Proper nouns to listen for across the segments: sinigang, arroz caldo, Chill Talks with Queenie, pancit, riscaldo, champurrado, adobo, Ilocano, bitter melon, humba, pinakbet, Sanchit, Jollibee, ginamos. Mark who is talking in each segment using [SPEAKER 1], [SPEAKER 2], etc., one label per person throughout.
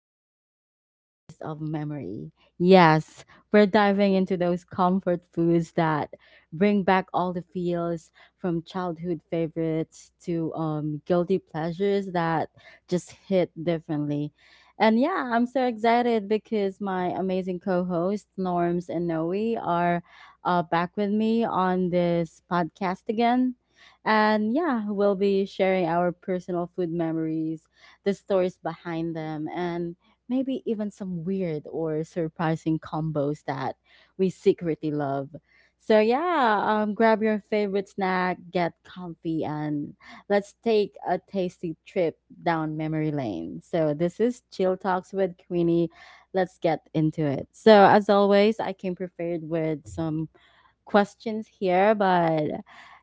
[SPEAKER 1] all about flavors of memory. Yes, we're diving into those comfort foods that bring back all the feels from childhood favorites to guilty pleasures that just hit differently. And yeah, I'm so excited because my amazing co hosts, Norms and Noe, are back with me on this podcast again. And yeah, we'll be sharing our personal food memories, the stories behind them, and maybe even some weird or surprising combos that we secretly love. So yeah, grab your favorite snack, get comfy, and let's take a tasty trip down memory lane. So, this is Chill Talks with Queenie. Let's get into it. So, as always, I came prepared with some questions here, but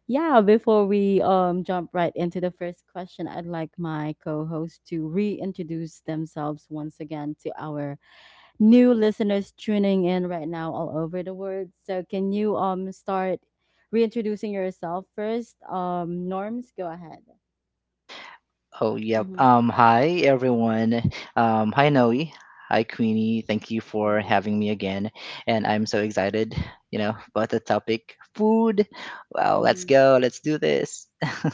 [SPEAKER 1] yeah, before we jump right into the first question, I'd like my co-host to reintroduce themselves once again to our new listeners tuning in right now all over the world. So can you start reintroducing yourself first? Norms, go ahead.
[SPEAKER 2] Oh, yep.
[SPEAKER 1] Mm-hmm.
[SPEAKER 2] Hi everyone. Hi Noe. Hi Queenie. Thank you for
[SPEAKER 1] Mhm,
[SPEAKER 2] having me again. And I'm so excited, you know, about the topic food. Wow, let's
[SPEAKER 1] mhm.
[SPEAKER 2] go. Let's do this.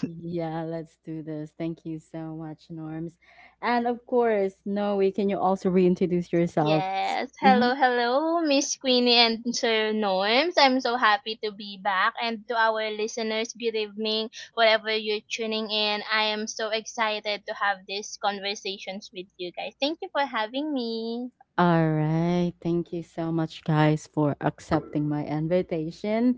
[SPEAKER 1] Yeah, let's do this. Thank you so much, Norms. And of course, Noe, can you also reintroduce yourself?
[SPEAKER 3] Yes. Hello,
[SPEAKER 1] Mhm.
[SPEAKER 3] hello, Miss Queenie and Sir Norms. I'm so happy to be back. And to our listeners, good evening, whatever you're tuning in. I am so excited to have these conversations with you guys. Thank you for having me.
[SPEAKER 1] All right. Thank you so much, guys, for accepting my invitation.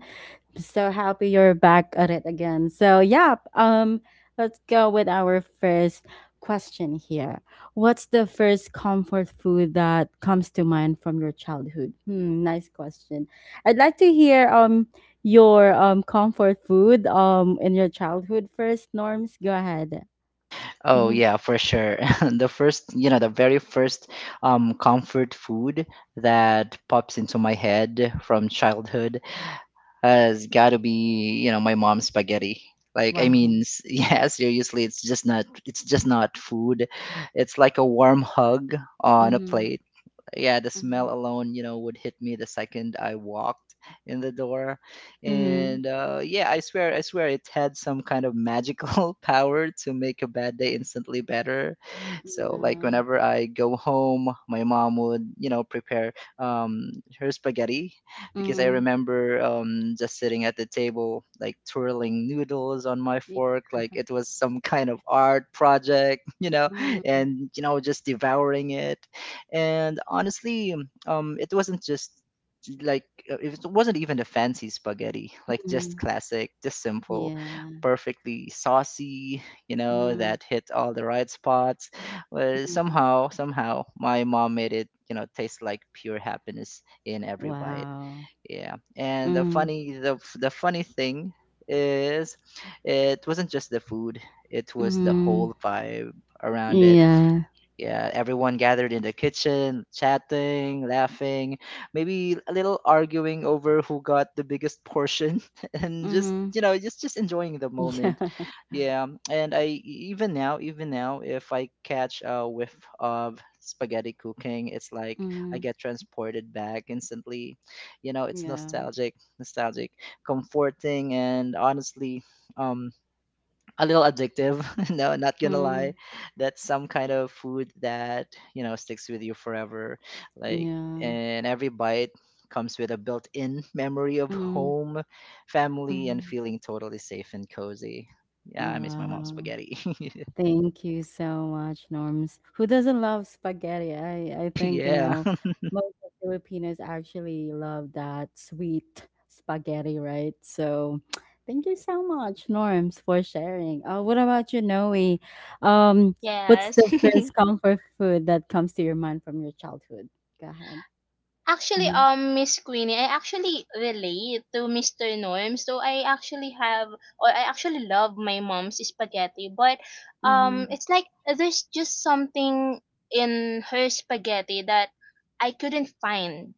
[SPEAKER 1] So happy you're back at it again. So yeah, let's go with our first question here. What's the first comfort food that comes to mind from your childhood? Hmm, nice question. I'd like to hear your comfort food in your childhood first, Norms. Go ahead.
[SPEAKER 2] Oh
[SPEAKER 1] Mm-hmm.
[SPEAKER 2] yeah, for sure. The first, you know, the very first comfort food that pops into my head from childhood has got to be, you know, my mom's spaghetti. Like I mean
[SPEAKER 1] Wow.
[SPEAKER 2] yeah, seriously, it's just not food, it's like a warm hug on a
[SPEAKER 1] Mm-hmm.
[SPEAKER 2] plate. Yeah, the smell alone, you know, would hit me the second I walked in the door.
[SPEAKER 1] Mm-hmm.
[SPEAKER 2] And yeah, I swear, it had some kind of magical power to make a bad day instantly better. So like whenever I go home, my mom would, you know, prepare her spaghetti, because I
[SPEAKER 1] Mm-hmm.
[SPEAKER 2] remember just sitting at the table, like twirling noodles on my
[SPEAKER 1] Yeah.
[SPEAKER 2] fork,
[SPEAKER 1] Mm-hmm.
[SPEAKER 2] like
[SPEAKER 1] Yeah.
[SPEAKER 2] it was some kind of art project, you know, and, you know, just devouring it. And honestly it wasn't just like it wasn't even a fancy spaghetti. Like just
[SPEAKER 1] Mm-hmm.
[SPEAKER 2] classic, just simple,
[SPEAKER 1] Yeah.
[SPEAKER 2] perfectly saucy, you know, that hit all the right spots. But
[SPEAKER 1] Mm-hmm.
[SPEAKER 2] somehow my mom made it, you know, taste like pure happiness in every bite.
[SPEAKER 1] Wow.
[SPEAKER 2] Yeah, and the
[SPEAKER 1] Mm,
[SPEAKER 2] funny the, f- the funny thing is, it wasn't just the food, it was the
[SPEAKER 1] mhm.
[SPEAKER 2] whole vibe around it.
[SPEAKER 1] Yeah.
[SPEAKER 2] Yeah, everyone gathered in the kitchen, chatting, laughing, maybe a little arguing over who got the biggest portion, and just,
[SPEAKER 1] Mhm.
[SPEAKER 2] you know, just enjoying the
[SPEAKER 1] Yeah.
[SPEAKER 2] moment. Yeah, and even now, if I catch a whiff of spaghetti cooking, it's like I
[SPEAKER 1] Mhm.
[SPEAKER 2] get transported back instantly. You know, it's
[SPEAKER 1] Yeah.
[SPEAKER 2] nostalgic, nostalgic, comforting, and honestly, um a little addictive. No, not gonna lie.
[SPEAKER 1] Mm,
[SPEAKER 2] That's some kind of food that, you know, sticks with you forever. Like,
[SPEAKER 1] yeah.
[SPEAKER 2] and every bite comes with a built in memory of
[SPEAKER 1] Mm,
[SPEAKER 2] home, family, and
[SPEAKER 1] mhm.
[SPEAKER 2] feeling totally safe and cozy. Yeah, I miss my mom's
[SPEAKER 1] Wow.
[SPEAKER 2] spaghetti.
[SPEAKER 1] Thank you so much, Norms. Who doesn't love spaghetti? I think, you
[SPEAKER 2] Yeah,
[SPEAKER 1] know, most of Filipinos actually love that sweet spaghetti, right? So thank you so much, Norms, for sharing. What about you, Noe? Um, what's
[SPEAKER 3] Yes.
[SPEAKER 1] the first comfort food that comes to your mind from your childhood? Go ahead.
[SPEAKER 3] Actually,
[SPEAKER 1] Mm-hmm.
[SPEAKER 3] Miss Queenie, I actually relate to Mr. Norm. So I actually love my mom's spaghetti. But
[SPEAKER 1] Mm-hmm.
[SPEAKER 3] it's like there's just something in her spaghetti that I couldn't find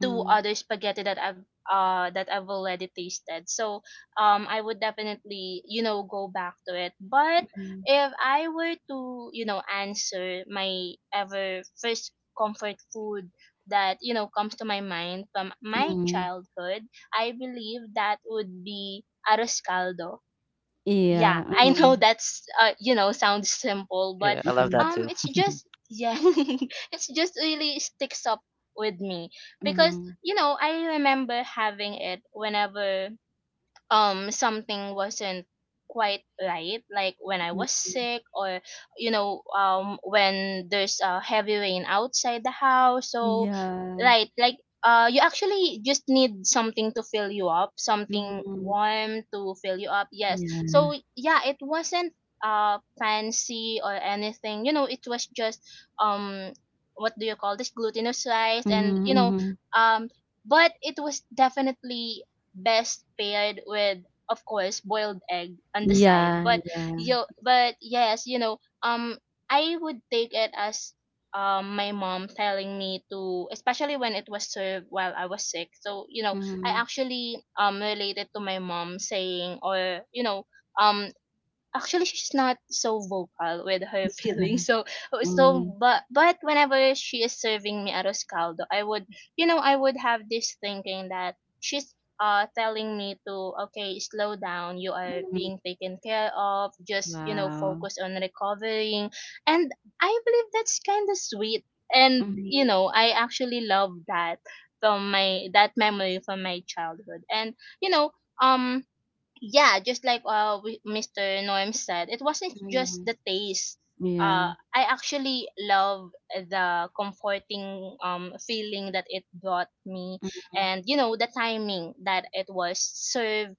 [SPEAKER 3] to other spaghetti that I've already tasted. So, I would definitely go back to it. But if I were to answer my ever first comfort food that comes to my mind from
[SPEAKER 1] Mm-hmm.
[SPEAKER 3] my
[SPEAKER 1] Mm-hmm.
[SPEAKER 3] childhood, I believe that would be arroz caldo. Yeah,
[SPEAKER 1] Yeah.
[SPEAKER 3] I know
[SPEAKER 1] Mm-hmm.
[SPEAKER 3] that's you know, sounds simple, but
[SPEAKER 2] yeah, I love
[SPEAKER 1] Mm-hmm.
[SPEAKER 2] that too.
[SPEAKER 3] it's just, yeah, it's just really sticks up with me, because
[SPEAKER 1] Mm-hmm.
[SPEAKER 3] you know, I remember having it whenever something wasn't quite right, like when I was
[SPEAKER 1] Mm-hmm.
[SPEAKER 3] sick, or you know, when there's a heavy rain outside the house. So
[SPEAKER 1] Yeah.
[SPEAKER 3] right, like you actually just need something to fill you up, something
[SPEAKER 1] Mm-hmm.
[SPEAKER 3] warm to fill you up. Yes,
[SPEAKER 1] Yeah.
[SPEAKER 3] so yeah, it wasn't fancy or anything. You know, it was just, um what do you call this, glutinous rice. And
[SPEAKER 1] Mhm,
[SPEAKER 3] you know,
[SPEAKER 1] mhm.
[SPEAKER 3] um but it was definitely best paired with, of course, boiled egg on the side.
[SPEAKER 1] Yeah,
[SPEAKER 3] But
[SPEAKER 1] yeah.
[SPEAKER 3] you, but yes, you know, um I would take it as, my mom telling me to, especially when it was served while I was sick. So you know, I
[SPEAKER 1] Mhm.
[SPEAKER 3] actually related to my mom saying, or you know, um actually she's not so vocal with her feelings. So, so
[SPEAKER 1] Mhm,
[SPEAKER 3] but but whenever she is serving me arroz caldo, I would, I would have this thinking that she's telling me to, okay, slow down, you are
[SPEAKER 1] mhm.
[SPEAKER 3] being taken care of, just you know,
[SPEAKER 1] Wow.
[SPEAKER 3] focus on recovering. And I believe that's kind of sweet, and
[SPEAKER 1] Mhm,
[SPEAKER 3] you know, I actually love that from my that memory from my childhood. And you know, um yeah, just like Mr. Norm said, it wasn't just
[SPEAKER 1] mhm.
[SPEAKER 3] the taste.
[SPEAKER 1] Yeah.
[SPEAKER 3] I actually love the comforting feeling that it brought me,
[SPEAKER 1] Mhm.
[SPEAKER 3] and you know, the timing that it was served.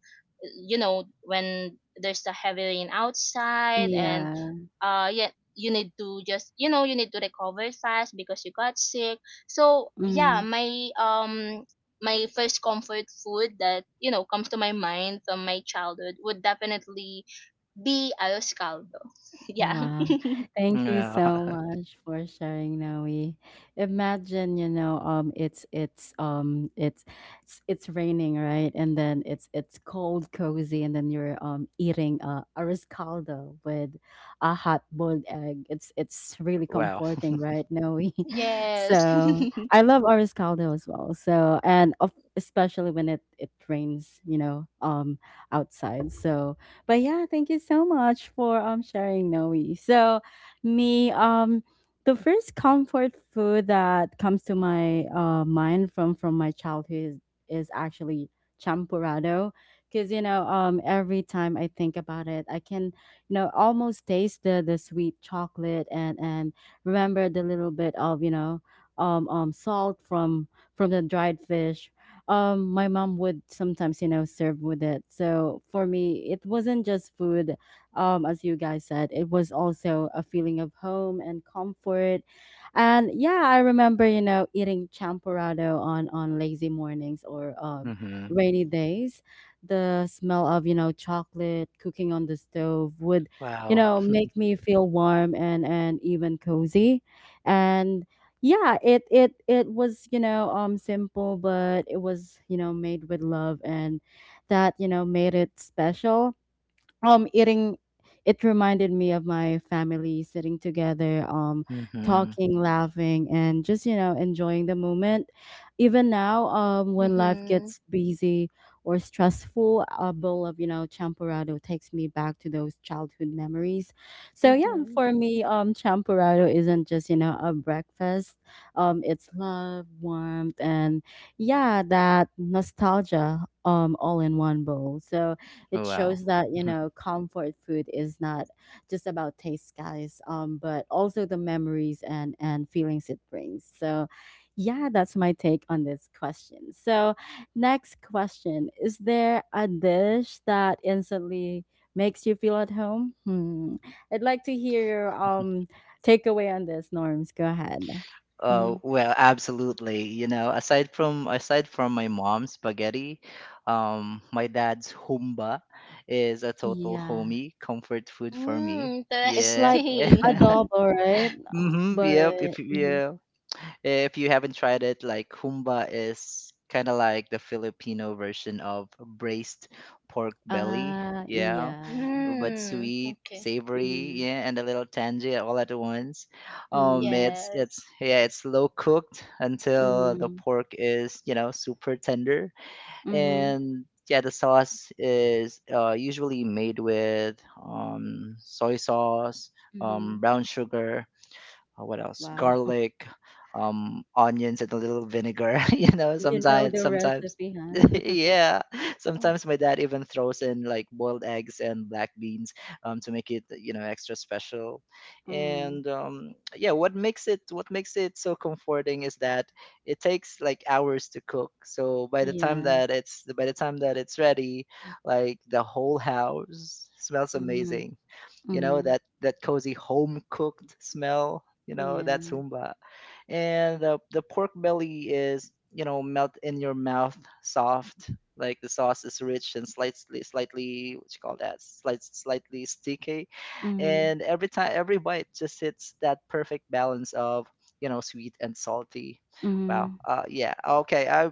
[SPEAKER 3] You know, when there's a heavy rain outside, and
[SPEAKER 1] Yeah.
[SPEAKER 3] yeah, you need to just, you know, you need to recover fast because you got sick. So yeah,
[SPEAKER 1] Mhm.
[SPEAKER 3] my my first comfort food that you know comes to my mind from my childhood would definitely be arroz caldo. Yeah.
[SPEAKER 1] Wow. Thank you so
[SPEAKER 2] Yeah,
[SPEAKER 1] much for sharing, Noe. Imagine, you know, it's raining, right? And then it's cold, cozy, and then you're eating a riscaldo with a hot boiled egg. It's really
[SPEAKER 2] wow.
[SPEAKER 1] comforting, right, Noe?
[SPEAKER 3] Yes.
[SPEAKER 1] So
[SPEAKER 3] Mhm.
[SPEAKER 1] I love a riscaldo as well. So and of especially when it rains, you know, outside. So but yeah, thank you so much for sharing, Noe. So me, the first comfort food that comes to my mind from my childhood is actually champurrado because you know every time I think about it, I can, you know, almost taste the sweet chocolate and remember the little bit of, you know, salt from the dried fish my mom would sometimes, you know, serve with it. So for me it wasn't just food. As you guys said, it was also a feeling of home and comfort. And yeah, I remember, you know, eating champorado on lazy mornings or
[SPEAKER 2] Hmm.
[SPEAKER 1] rainy days. The smell of, you know, chocolate cooking on the stove would, you
[SPEAKER 2] Wow.
[SPEAKER 1] know, make me feel warm and even cozy. And yeah, it was, you know, simple, but it was, you know, made with love, and that, you know, made it special. Eating it reminded me of my family sitting together,
[SPEAKER 2] Hmm.
[SPEAKER 1] talking, laughing, and just, you know, enjoying the moment. Even now, when life gets busy or stressful, a bowl of, you know, champurrado takes me back to those childhood memories. So yeah,
[SPEAKER 3] Mhm.
[SPEAKER 1] for me, champurrado isn't just, you know, a breakfast. It's love, warmth, and yeah, that nostalgia all in one bowl. So it
[SPEAKER 2] Wow.
[SPEAKER 1] shows that, you know, comfort food is not just about taste, guys, but also the memories and feelings it brings. So, yeah, that's my take on this question. So, next question: is there a dish that instantly makes you feel at home? Hmm. I'd like to hear your takeaway on this, Norms. Go ahead.
[SPEAKER 2] Oh,
[SPEAKER 1] Mm,
[SPEAKER 2] well, absolutely. You know, aside from my mom's spaghetti, my dad's humba is a total
[SPEAKER 1] yeah.
[SPEAKER 2] homie comfort food for me.
[SPEAKER 3] Mm,
[SPEAKER 1] It's
[SPEAKER 2] Yeah.
[SPEAKER 1] like
[SPEAKER 3] interesting.
[SPEAKER 1] adobo, right?
[SPEAKER 2] Mm-hmm. Yep.
[SPEAKER 1] But.
[SPEAKER 2] If you haven't tried it, like humba is kind of like the Filipino version of braised pork belly.
[SPEAKER 1] Ah, iya,
[SPEAKER 2] Yeah,
[SPEAKER 1] oke.
[SPEAKER 2] but
[SPEAKER 3] Mm,
[SPEAKER 2] sweet,
[SPEAKER 3] okay.
[SPEAKER 2] savory,
[SPEAKER 1] Mhm,
[SPEAKER 2] yeah, and a little tangy all at once. Um,
[SPEAKER 1] mhm,
[SPEAKER 2] it's it's
[SPEAKER 3] Yes.
[SPEAKER 2] yeah, it's slow cooked until the
[SPEAKER 1] mhm,
[SPEAKER 2] pork is, you know, super tender,
[SPEAKER 1] mhm,
[SPEAKER 2] and yeah, the sauce is usually made with soy sauce,
[SPEAKER 1] mhm.
[SPEAKER 2] brown sugar, what else?
[SPEAKER 1] Wow,
[SPEAKER 2] Garlic, onions, and a little vinegar. You know,
[SPEAKER 1] you know
[SPEAKER 2] sometimes,
[SPEAKER 1] the
[SPEAKER 2] sometimes,
[SPEAKER 1] recipe, huh?
[SPEAKER 2] yeah, sometimes my dad even throws in like boiled eggs and black beans, to make it, you know, extra special.
[SPEAKER 1] Mm,
[SPEAKER 2] And yeah, what makes it so comforting is that it takes like hours to cook. So by the time
[SPEAKER 1] yeah,
[SPEAKER 2] that it's, by the time that it's ready, like the whole house smells
[SPEAKER 1] mhm,
[SPEAKER 2] amazing, you know,
[SPEAKER 1] mhm,
[SPEAKER 2] that that cozy home cooked smell, you know, that's
[SPEAKER 1] yeah,
[SPEAKER 2] humba. And the pork belly is, you know, melt in your mouth soft, like the sauce is rich and slightly what you call that, slightly sticky,
[SPEAKER 1] mhm,
[SPEAKER 2] and every bite just hits that perfect balance of, you know, sweet and salty. Wow,
[SPEAKER 1] mhm,
[SPEAKER 2] yeah, okay, i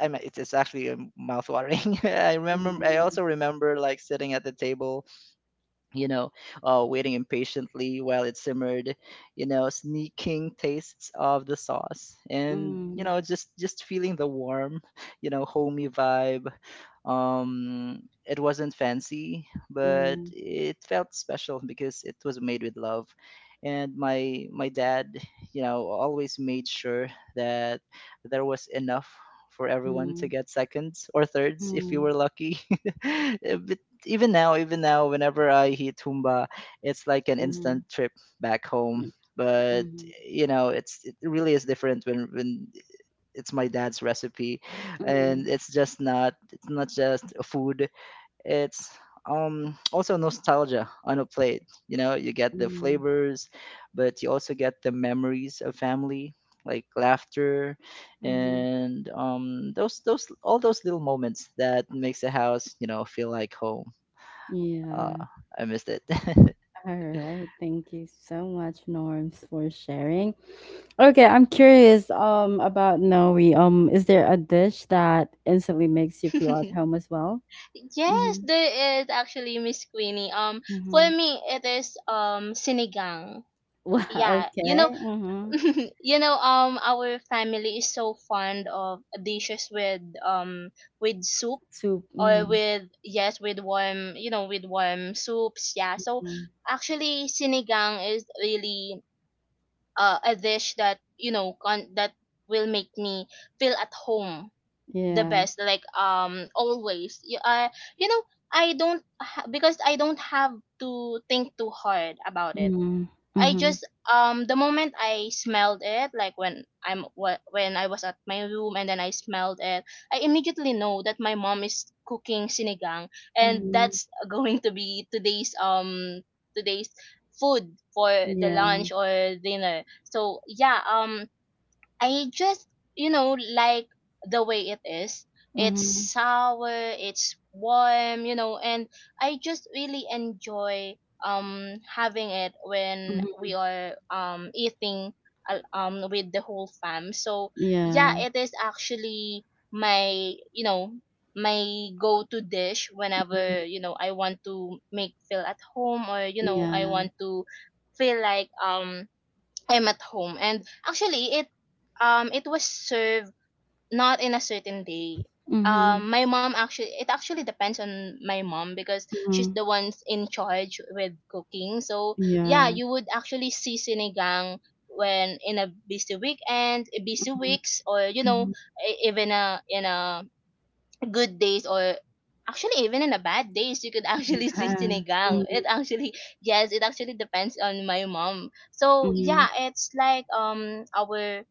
[SPEAKER 2] i mean, it's actually mouth watering. I remember, I also
[SPEAKER 1] yes,
[SPEAKER 2] remember like sitting at the table, you know, waiting impatiently while it simmered, you know, sneaking tastes of the sauce, and you
[SPEAKER 1] mhm,
[SPEAKER 2] know, just feeling the warm, you know, homey vibe. It wasn't fancy, but
[SPEAKER 1] mhm,
[SPEAKER 2] it felt special because it was made with love. And my dad, you know, always made sure that there was enough for everyone to
[SPEAKER 1] mhm,
[SPEAKER 2] get seconds or thirds if you
[SPEAKER 1] mhm,
[SPEAKER 2] were lucky. But even now, whenever I hit Tumba, it's like an instant
[SPEAKER 1] mhm,
[SPEAKER 2] trip back home.
[SPEAKER 1] yeah,
[SPEAKER 2] But
[SPEAKER 1] mhm,
[SPEAKER 2] you know, it's it really is different when it's my dad's recipe,
[SPEAKER 1] mhm,
[SPEAKER 2] and it's just not it's not just a food, it's also nostalgia on a plate. You know, you get the
[SPEAKER 1] mhm,
[SPEAKER 2] flavors, but you also get the memories of family, like laughter,
[SPEAKER 1] mhm.
[SPEAKER 2] and those all those little moments that makes the house, you know, feel like home. uh
[SPEAKER 1] Yeah.
[SPEAKER 2] I missed it.
[SPEAKER 1] All right. Thank you so much, Norms, for sharing. Okay, I'm curious about Noe. Is there a dish that instantly makes you feel at home as well?
[SPEAKER 3] Yes,
[SPEAKER 1] Mm-hmm.
[SPEAKER 3] there is, actually, Miss Queenie. For
[SPEAKER 1] Mm-hmm.
[SPEAKER 3] me, it is sinigang.
[SPEAKER 1] Wow,
[SPEAKER 3] Yeah, you know,
[SPEAKER 1] okay. Mm-hmm.
[SPEAKER 3] you know, our family is so fond of dishes with soup,
[SPEAKER 1] Soup.
[SPEAKER 3] or
[SPEAKER 1] Mm-hmm.
[SPEAKER 3] with, yes, with warm, you know, with warm soups. Yeah, so
[SPEAKER 1] Hmm.
[SPEAKER 3] actually sinigang is really a dish that you know that will make me feel at home the
[SPEAKER 1] Yeah.
[SPEAKER 3] best. Like always you you know, I don't ha- because I don't have to think too hard about it.
[SPEAKER 1] Mm-hmm.
[SPEAKER 3] I
[SPEAKER 1] Mm-hmm.
[SPEAKER 3] just, the moment I smelled it, like when I'm when I was at my room and then I smelled it, I immediately know that my mom is cooking sinigang, and
[SPEAKER 1] Mm-hmm.
[SPEAKER 3] that's going to be today's today's food for the
[SPEAKER 1] Yeah.
[SPEAKER 3] lunch or dinner. So yeah, I just, you know, like the way it is. It's
[SPEAKER 1] Mm-hmm.
[SPEAKER 3] sour, it's warm, you know, and I just really enjoy having it when
[SPEAKER 1] Mm-hmm.
[SPEAKER 3] we are eating with the whole fam. So yeah,
[SPEAKER 1] Yeah.
[SPEAKER 3] it is actually my, you know, my go-to dish
[SPEAKER 1] Mm-hmm.
[SPEAKER 3] whenever, you know, I want to make feel at home, or you know, I
[SPEAKER 1] Yeah.
[SPEAKER 3] want to feel like I'm at home. And actually it, it was served not in a certain day.
[SPEAKER 1] Mm-hmm.
[SPEAKER 3] Um, my mom actually, it actually depends on my mom because she's
[SPEAKER 1] Mm-hmm.
[SPEAKER 3] the one's in charge with cooking. So yeah,
[SPEAKER 1] Yeah.
[SPEAKER 3] you would actually see sinigang when in a busy weekend, busy
[SPEAKER 1] Mm-hmm.
[SPEAKER 3] weeks, or you know,
[SPEAKER 1] Mm-hmm.
[SPEAKER 3] e- even a in a good days, or actually even in a bad days you could actually see
[SPEAKER 1] Yeah.
[SPEAKER 3] sinigang.
[SPEAKER 1] Mm-hmm.
[SPEAKER 3] It actually, yes, it actually depends on my mom. So
[SPEAKER 1] Mm-hmm.
[SPEAKER 3] yeah, it's like, our,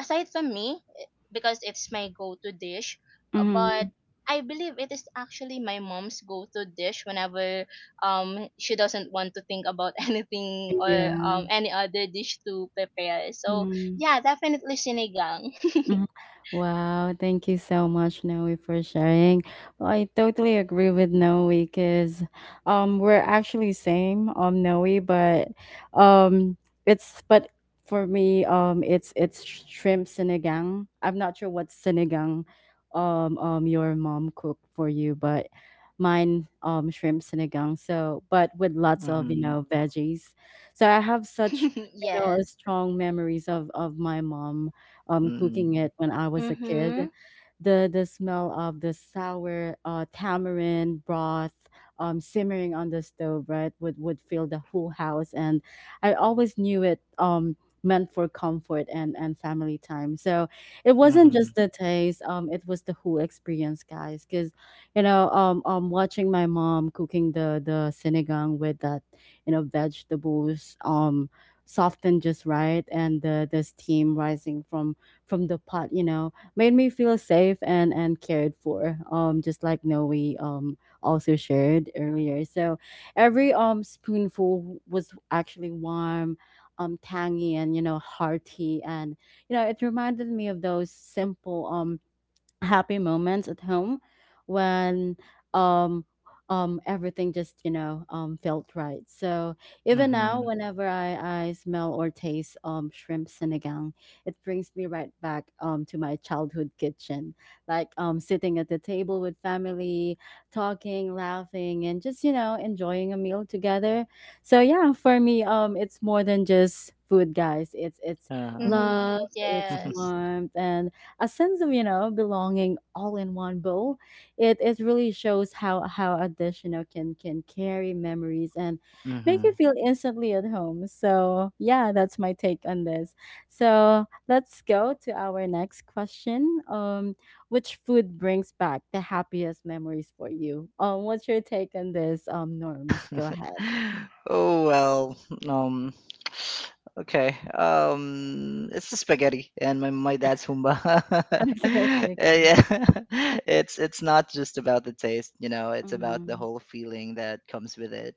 [SPEAKER 3] aside from me, eh, because it's my go-to dish,
[SPEAKER 1] Mm-hmm,
[SPEAKER 3] but I believe it is actually my mom's go-to dish whenever, she doesn't want to think about anything or
[SPEAKER 1] yeah.
[SPEAKER 3] any other dish to prepare. So
[SPEAKER 1] Mm-hmm.
[SPEAKER 3] yeah, definitely sinigang.
[SPEAKER 1] Mhm. Wow, thank you so much, Noe, for sharing. Well, I totally agree with Noe because we're actually same, Noe, but um it's but for me it's shrimp sinigang. I'm not sure what sinigang your mom cooked for you, but mine shrimp sinigang. So but with lots of, you
[SPEAKER 2] Mhm,
[SPEAKER 1] know, veggies. So I have such, you know,
[SPEAKER 3] Yes.
[SPEAKER 1] strong memories of my mom cooking
[SPEAKER 2] mhm,
[SPEAKER 1] it when I was a
[SPEAKER 3] Mm-hmm.
[SPEAKER 1] kid. The smell of the sour tamarind broth simmering on the stove, right, would fill the whole house, and I always knew it meant for comfort and family time. So it wasn't
[SPEAKER 2] mhm,
[SPEAKER 1] just the taste; it was the whole experience, guys. Because, you know, watching my mom cooking the sinigang with that, you know, vegetables, softened just right, and the steam rising from the pot, you know, made me feel safe and cared for. Just like Noe also shared earlier. So every spoonful was actually warm, tangy and, you know, hearty, and, you know, it reminded me of those simple happy moments at home when um everything just, you know, felt right. So even now,
[SPEAKER 2] mhm,
[SPEAKER 1] whenever I smell or taste shrimp sinigang, it brings me right back to my childhood kitchen, like sitting at the table with family, talking, laughing, and just, you know, enjoying a meal together. So yeah, for me, it's more than just food, guys, it's
[SPEAKER 2] uh,
[SPEAKER 1] love,
[SPEAKER 3] Mhm.
[SPEAKER 1] it's
[SPEAKER 3] Yes.
[SPEAKER 1] warmth, and a sense of, you know, belonging all in one bowl. It really shows how a dish, you know, can carry memories and make you
[SPEAKER 2] mhm.
[SPEAKER 1] feel instantly at home. So yeah, that's my take on this. So let's go to our next question. Which food brings back the happiest memories for you? What's your take on this, Norms? Go ahead.
[SPEAKER 2] Oh well, um, okay. It's the spaghetti and my dad's humba.
[SPEAKER 1] Okay, okay, okay.
[SPEAKER 2] Eh, yeah, it's not just about the taste, you know. It's about the
[SPEAKER 1] Mm-hmm,
[SPEAKER 2] whole feeling that comes with it.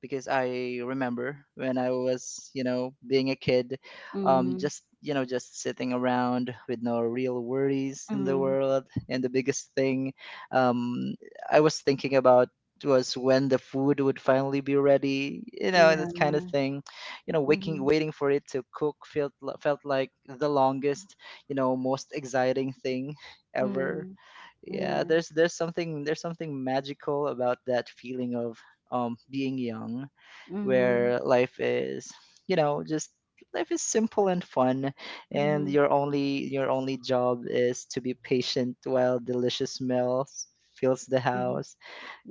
[SPEAKER 2] Because I remember when I was, you know, being a kid,
[SPEAKER 1] mm-hmm,
[SPEAKER 2] just you know, just sitting around with no real worries in the
[SPEAKER 1] mm-hmm.
[SPEAKER 2] world, and the biggest thing, um, I was thinking about was when the food would finally be ready, you know,
[SPEAKER 1] Yeah.
[SPEAKER 2] that kind of thing. You know,
[SPEAKER 1] Mm-hmm,
[SPEAKER 2] waiting for it to cook felt felt like the longest, you know, most exciting thing ever.
[SPEAKER 1] mm-hmm.
[SPEAKER 2] Yeah,
[SPEAKER 1] Yeah.
[SPEAKER 2] there's something magical about that feeling of being young,
[SPEAKER 1] Mhm,
[SPEAKER 2] where you know, just life is simple and fun, and
[SPEAKER 1] mhm,
[SPEAKER 2] your only job is to be patient while delicious smells fills the
[SPEAKER 1] mhm.
[SPEAKER 2] house.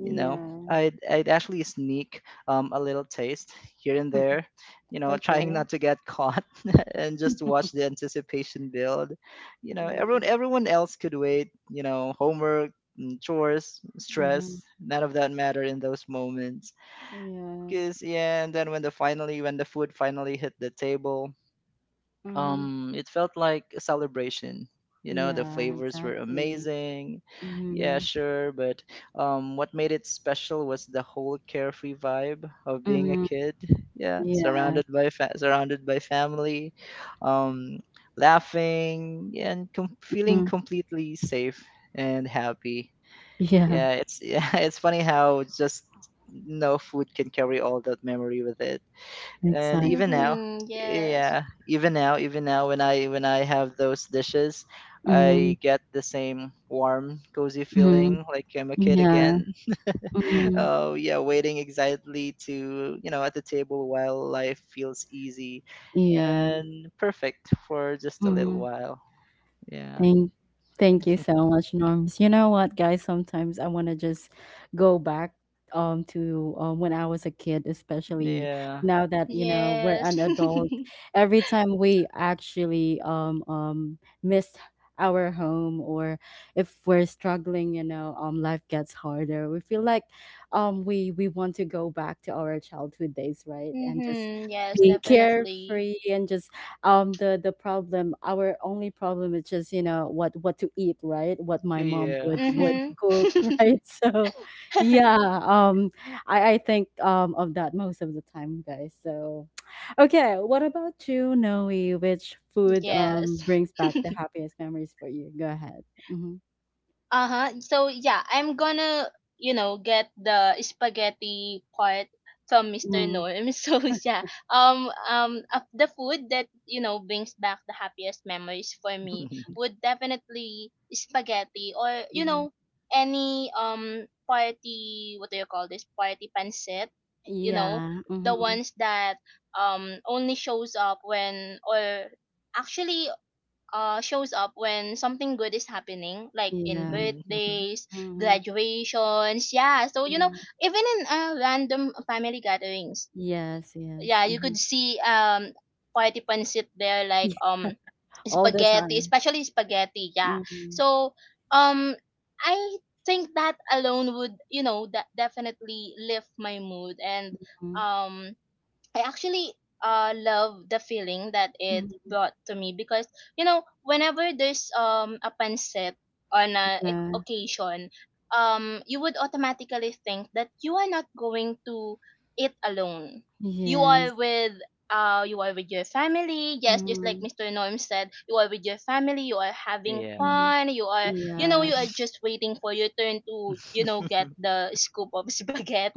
[SPEAKER 2] You know, I'd actually sneak a little taste here and there, you know, trying
[SPEAKER 1] Okay.
[SPEAKER 2] not to get caught, and just watch the anticipation build. You know, everyone
[SPEAKER 1] Mhm,
[SPEAKER 2] everyone else could wait, you know, homework, mm, chores,
[SPEAKER 1] mhm.
[SPEAKER 2] stress, none of that mattered in those moments
[SPEAKER 1] Yeah.
[SPEAKER 2] because yeah. And then when the food finally hit the table,
[SPEAKER 1] Mhm.
[SPEAKER 2] it felt like a celebration. You know, the
[SPEAKER 1] Yeah,
[SPEAKER 2] flavors were
[SPEAKER 1] exactly.
[SPEAKER 2] amazing, yeah,
[SPEAKER 1] Mhm,
[SPEAKER 2] sure, but what made it special was the whole carefree vibe of being a
[SPEAKER 1] mhm.
[SPEAKER 2] kid, yeah,
[SPEAKER 1] Yeah.
[SPEAKER 2] surrounded by family, um laughing and feeling
[SPEAKER 1] Mhm.
[SPEAKER 2] completely safe and happy.
[SPEAKER 1] Yeah,
[SPEAKER 2] Yeah, it's yeah, it's funny how just no food can carry all that memory with it. And even
[SPEAKER 1] exactly.
[SPEAKER 2] now,
[SPEAKER 3] Mhm. Yes.
[SPEAKER 2] yeah, even now, when I when I have those dishes,
[SPEAKER 1] Mhm,
[SPEAKER 2] I get the same warm cozy
[SPEAKER 1] mhm.
[SPEAKER 2] feeling like I'm a kid
[SPEAKER 1] Yeah.
[SPEAKER 2] again.
[SPEAKER 1] Mhm.
[SPEAKER 2] Oh yeah, waiting excitedly, to, you know, at the table while life feels easy
[SPEAKER 1] Yeah.
[SPEAKER 2] and perfect for just a little
[SPEAKER 1] Mhm.
[SPEAKER 2] while. Yeah,
[SPEAKER 1] Thank, thank you so much, Norms. You know what, guys? Sometimes I want to just go back to when I was a kid, especially
[SPEAKER 2] yeah,
[SPEAKER 1] now that, you know, we're
[SPEAKER 3] Yes.
[SPEAKER 1] an adult. Every time we actually miss our home, or if we're struggling, you know, life gets harder. We feel like we want to go back to our childhood days, right? And just
[SPEAKER 3] Mhm. Yes,
[SPEAKER 1] being
[SPEAKER 3] definitely.
[SPEAKER 1] carefree and just, the problem, our only problem is just, you know, what to eat, right? What my mom
[SPEAKER 2] yeah.
[SPEAKER 1] would,
[SPEAKER 3] Mhm.
[SPEAKER 1] cook. Right? So yeah, um I think of that most of the time, guys. So okay, what about you, Noe? Which food,
[SPEAKER 3] Yes.
[SPEAKER 1] brings back the happiest memories for you? Go ahead. Mm-hmm.
[SPEAKER 3] Uh huh. So yeah, I'm gonna, you know, get the spaghetti part from Mr.
[SPEAKER 1] Mm-hmm.
[SPEAKER 3] Norm. So yeah, of the food that you know brings back the happiest memories for me would definitely spaghetti, or you
[SPEAKER 1] Mm-hmm.
[SPEAKER 3] know, any party, what do you call this, party pancit, you know,
[SPEAKER 1] Yeah.
[SPEAKER 3] the
[SPEAKER 1] Mm-hmm.
[SPEAKER 3] ones that only shows up when, or actually shows up when something good is happening, like in
[SPEAKER 1] Yeah.
[SPEAKER 2] Mhm. Mhm.
[SPEAKER 3] birthdays,
[SPEAKER 1] Mm-hmm.
[SPEAKER 3] graduations. Yeah, so you know,
[SPEAKER 1] Yeah.
[SPEAKER 3] even in random family gatherings.
[SPEAKER 1] Yes, yes.
[SPEAKER 3] Yeah, you
[SPEAKER 1] Mm-hmm.
[SPEAKER 3] could see participants sit there like
[SPEAKER 1] All the
[SPEAKER 3] spaghetti,
[SPEAKER 1] time.
[SPEAKER 3] especially spaghetti. Yeah,
[SPEAKER 1] Mm-hmm.
[SPEAKER 3] so um I think that alone would, you know, that definitely lift my mood. And
[SPEAKER 1] Mm-hmm.
[SPEAKER 3] um I actually love the feeling that it
[SPEAKER 1] Mm-hmm.
[SPEAKER 3] brought to me, because you know, whenever there's a pancit on a
[SPEAKER 1] Yeah.
[SPEAKER 3] occasion, you would automatically think that you are not going to eat alone. You
[SPEAKER 1] Yes.
[SPEAKER 3] are with, you are with your family. Yes, just like
[SPEAKER 1] Mhm,
[SPEAKER 3] Mr. Norm said, you are with your family. You are having
[SPEAKER 2] Yeah.
[SPEAKER 1] mhm.
[SPEAKER 3] fun. You are, you know,
[SPEAKER 1] Yeah.
[SPEAKER 3] you are just waiting for your turn to you know get the scoop of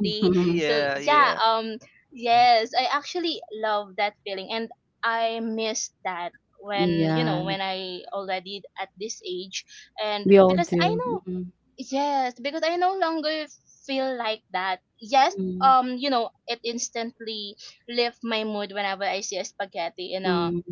[SPEAKER 1] Mhm.
[SPEAKER 3] So
[SPEAKER 2] yeah,
[SPEAKER 3] yeah,
[SPEAKER 2] yeah,
[SPEAKER 3] yes, I actually love that feeling, and I miss that when, you know,
[SPEAKER 1] Yeah.
[SPEAKER 3] when I already at this age. And
[SPEAKER 1] We all
[SPEAKER 3] because I
[SPEAKER 1] do.
[SPEAKER 3] know,
[SPEAKER 1] Mhm,
[SPEAKER 3] yes, because I no longer feel like that. Yes,
[SPEAKER 1] mhm,
[SPEAKER 3] you know, it instantly lift my mood whenever I see a spaghetti in a
[SPEAKER 1] mhm.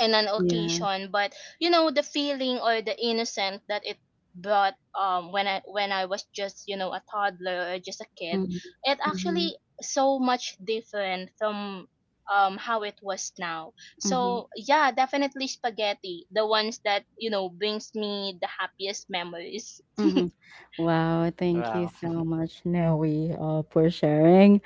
[SPEAKER 3] in an
[SPEAKER 1] Yeah.
[SPEAKER 3] occasion. But you know, the feeling or the innocence that it brought when I was just, you know, a toddler or just a kid,
[SPEAKER 1] Mhm,
[SPEAKER 3] it
[SPEAKER 1] mhm,
[SPEAKER 3] actually so much different from how it was now.
[SPEAKER 1] mhm,
[SPEAKER 3] So yeah, definitely spaghetti, the ones that, you know, brings me the happiest memories.
[SPEAKER 1] mhm. Wow, thank you
[SPEAKER 2] wow.
[SPEAKER 1] so much, Noe, for sharing.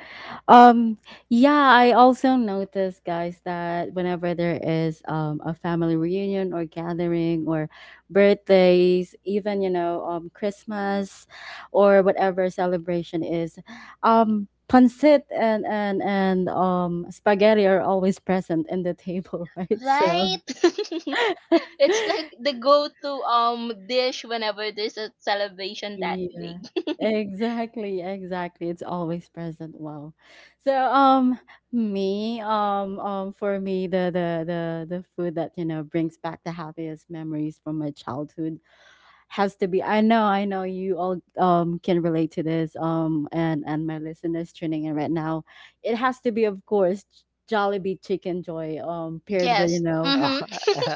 [SPEAKER 1] Um, yeah, I also noticed, guys, that whenever there is, a family reunion or gathering or birthdays, even, you know, Christmas or whatever celebration is, pancit and spaghetti are always present in the table, right? So
[SPEAKER 3] Right, it's like the go-to dish whenever there's a celebration that
[SPEAKER 1] yeah,
[SPEAKER 3] big.
[SPEAKER 1] exactly, exactly. It's always present. Wow. So me, for me, the the food that, you know, brings back the happiest memories from my childhood has to be, I know you all can relate to this, and my listeners tuning in right now. It has to be, of course, Jollibee chicken joy paired with, you
[SPEAKER 3] Yes.
[SPEAKER 1] know,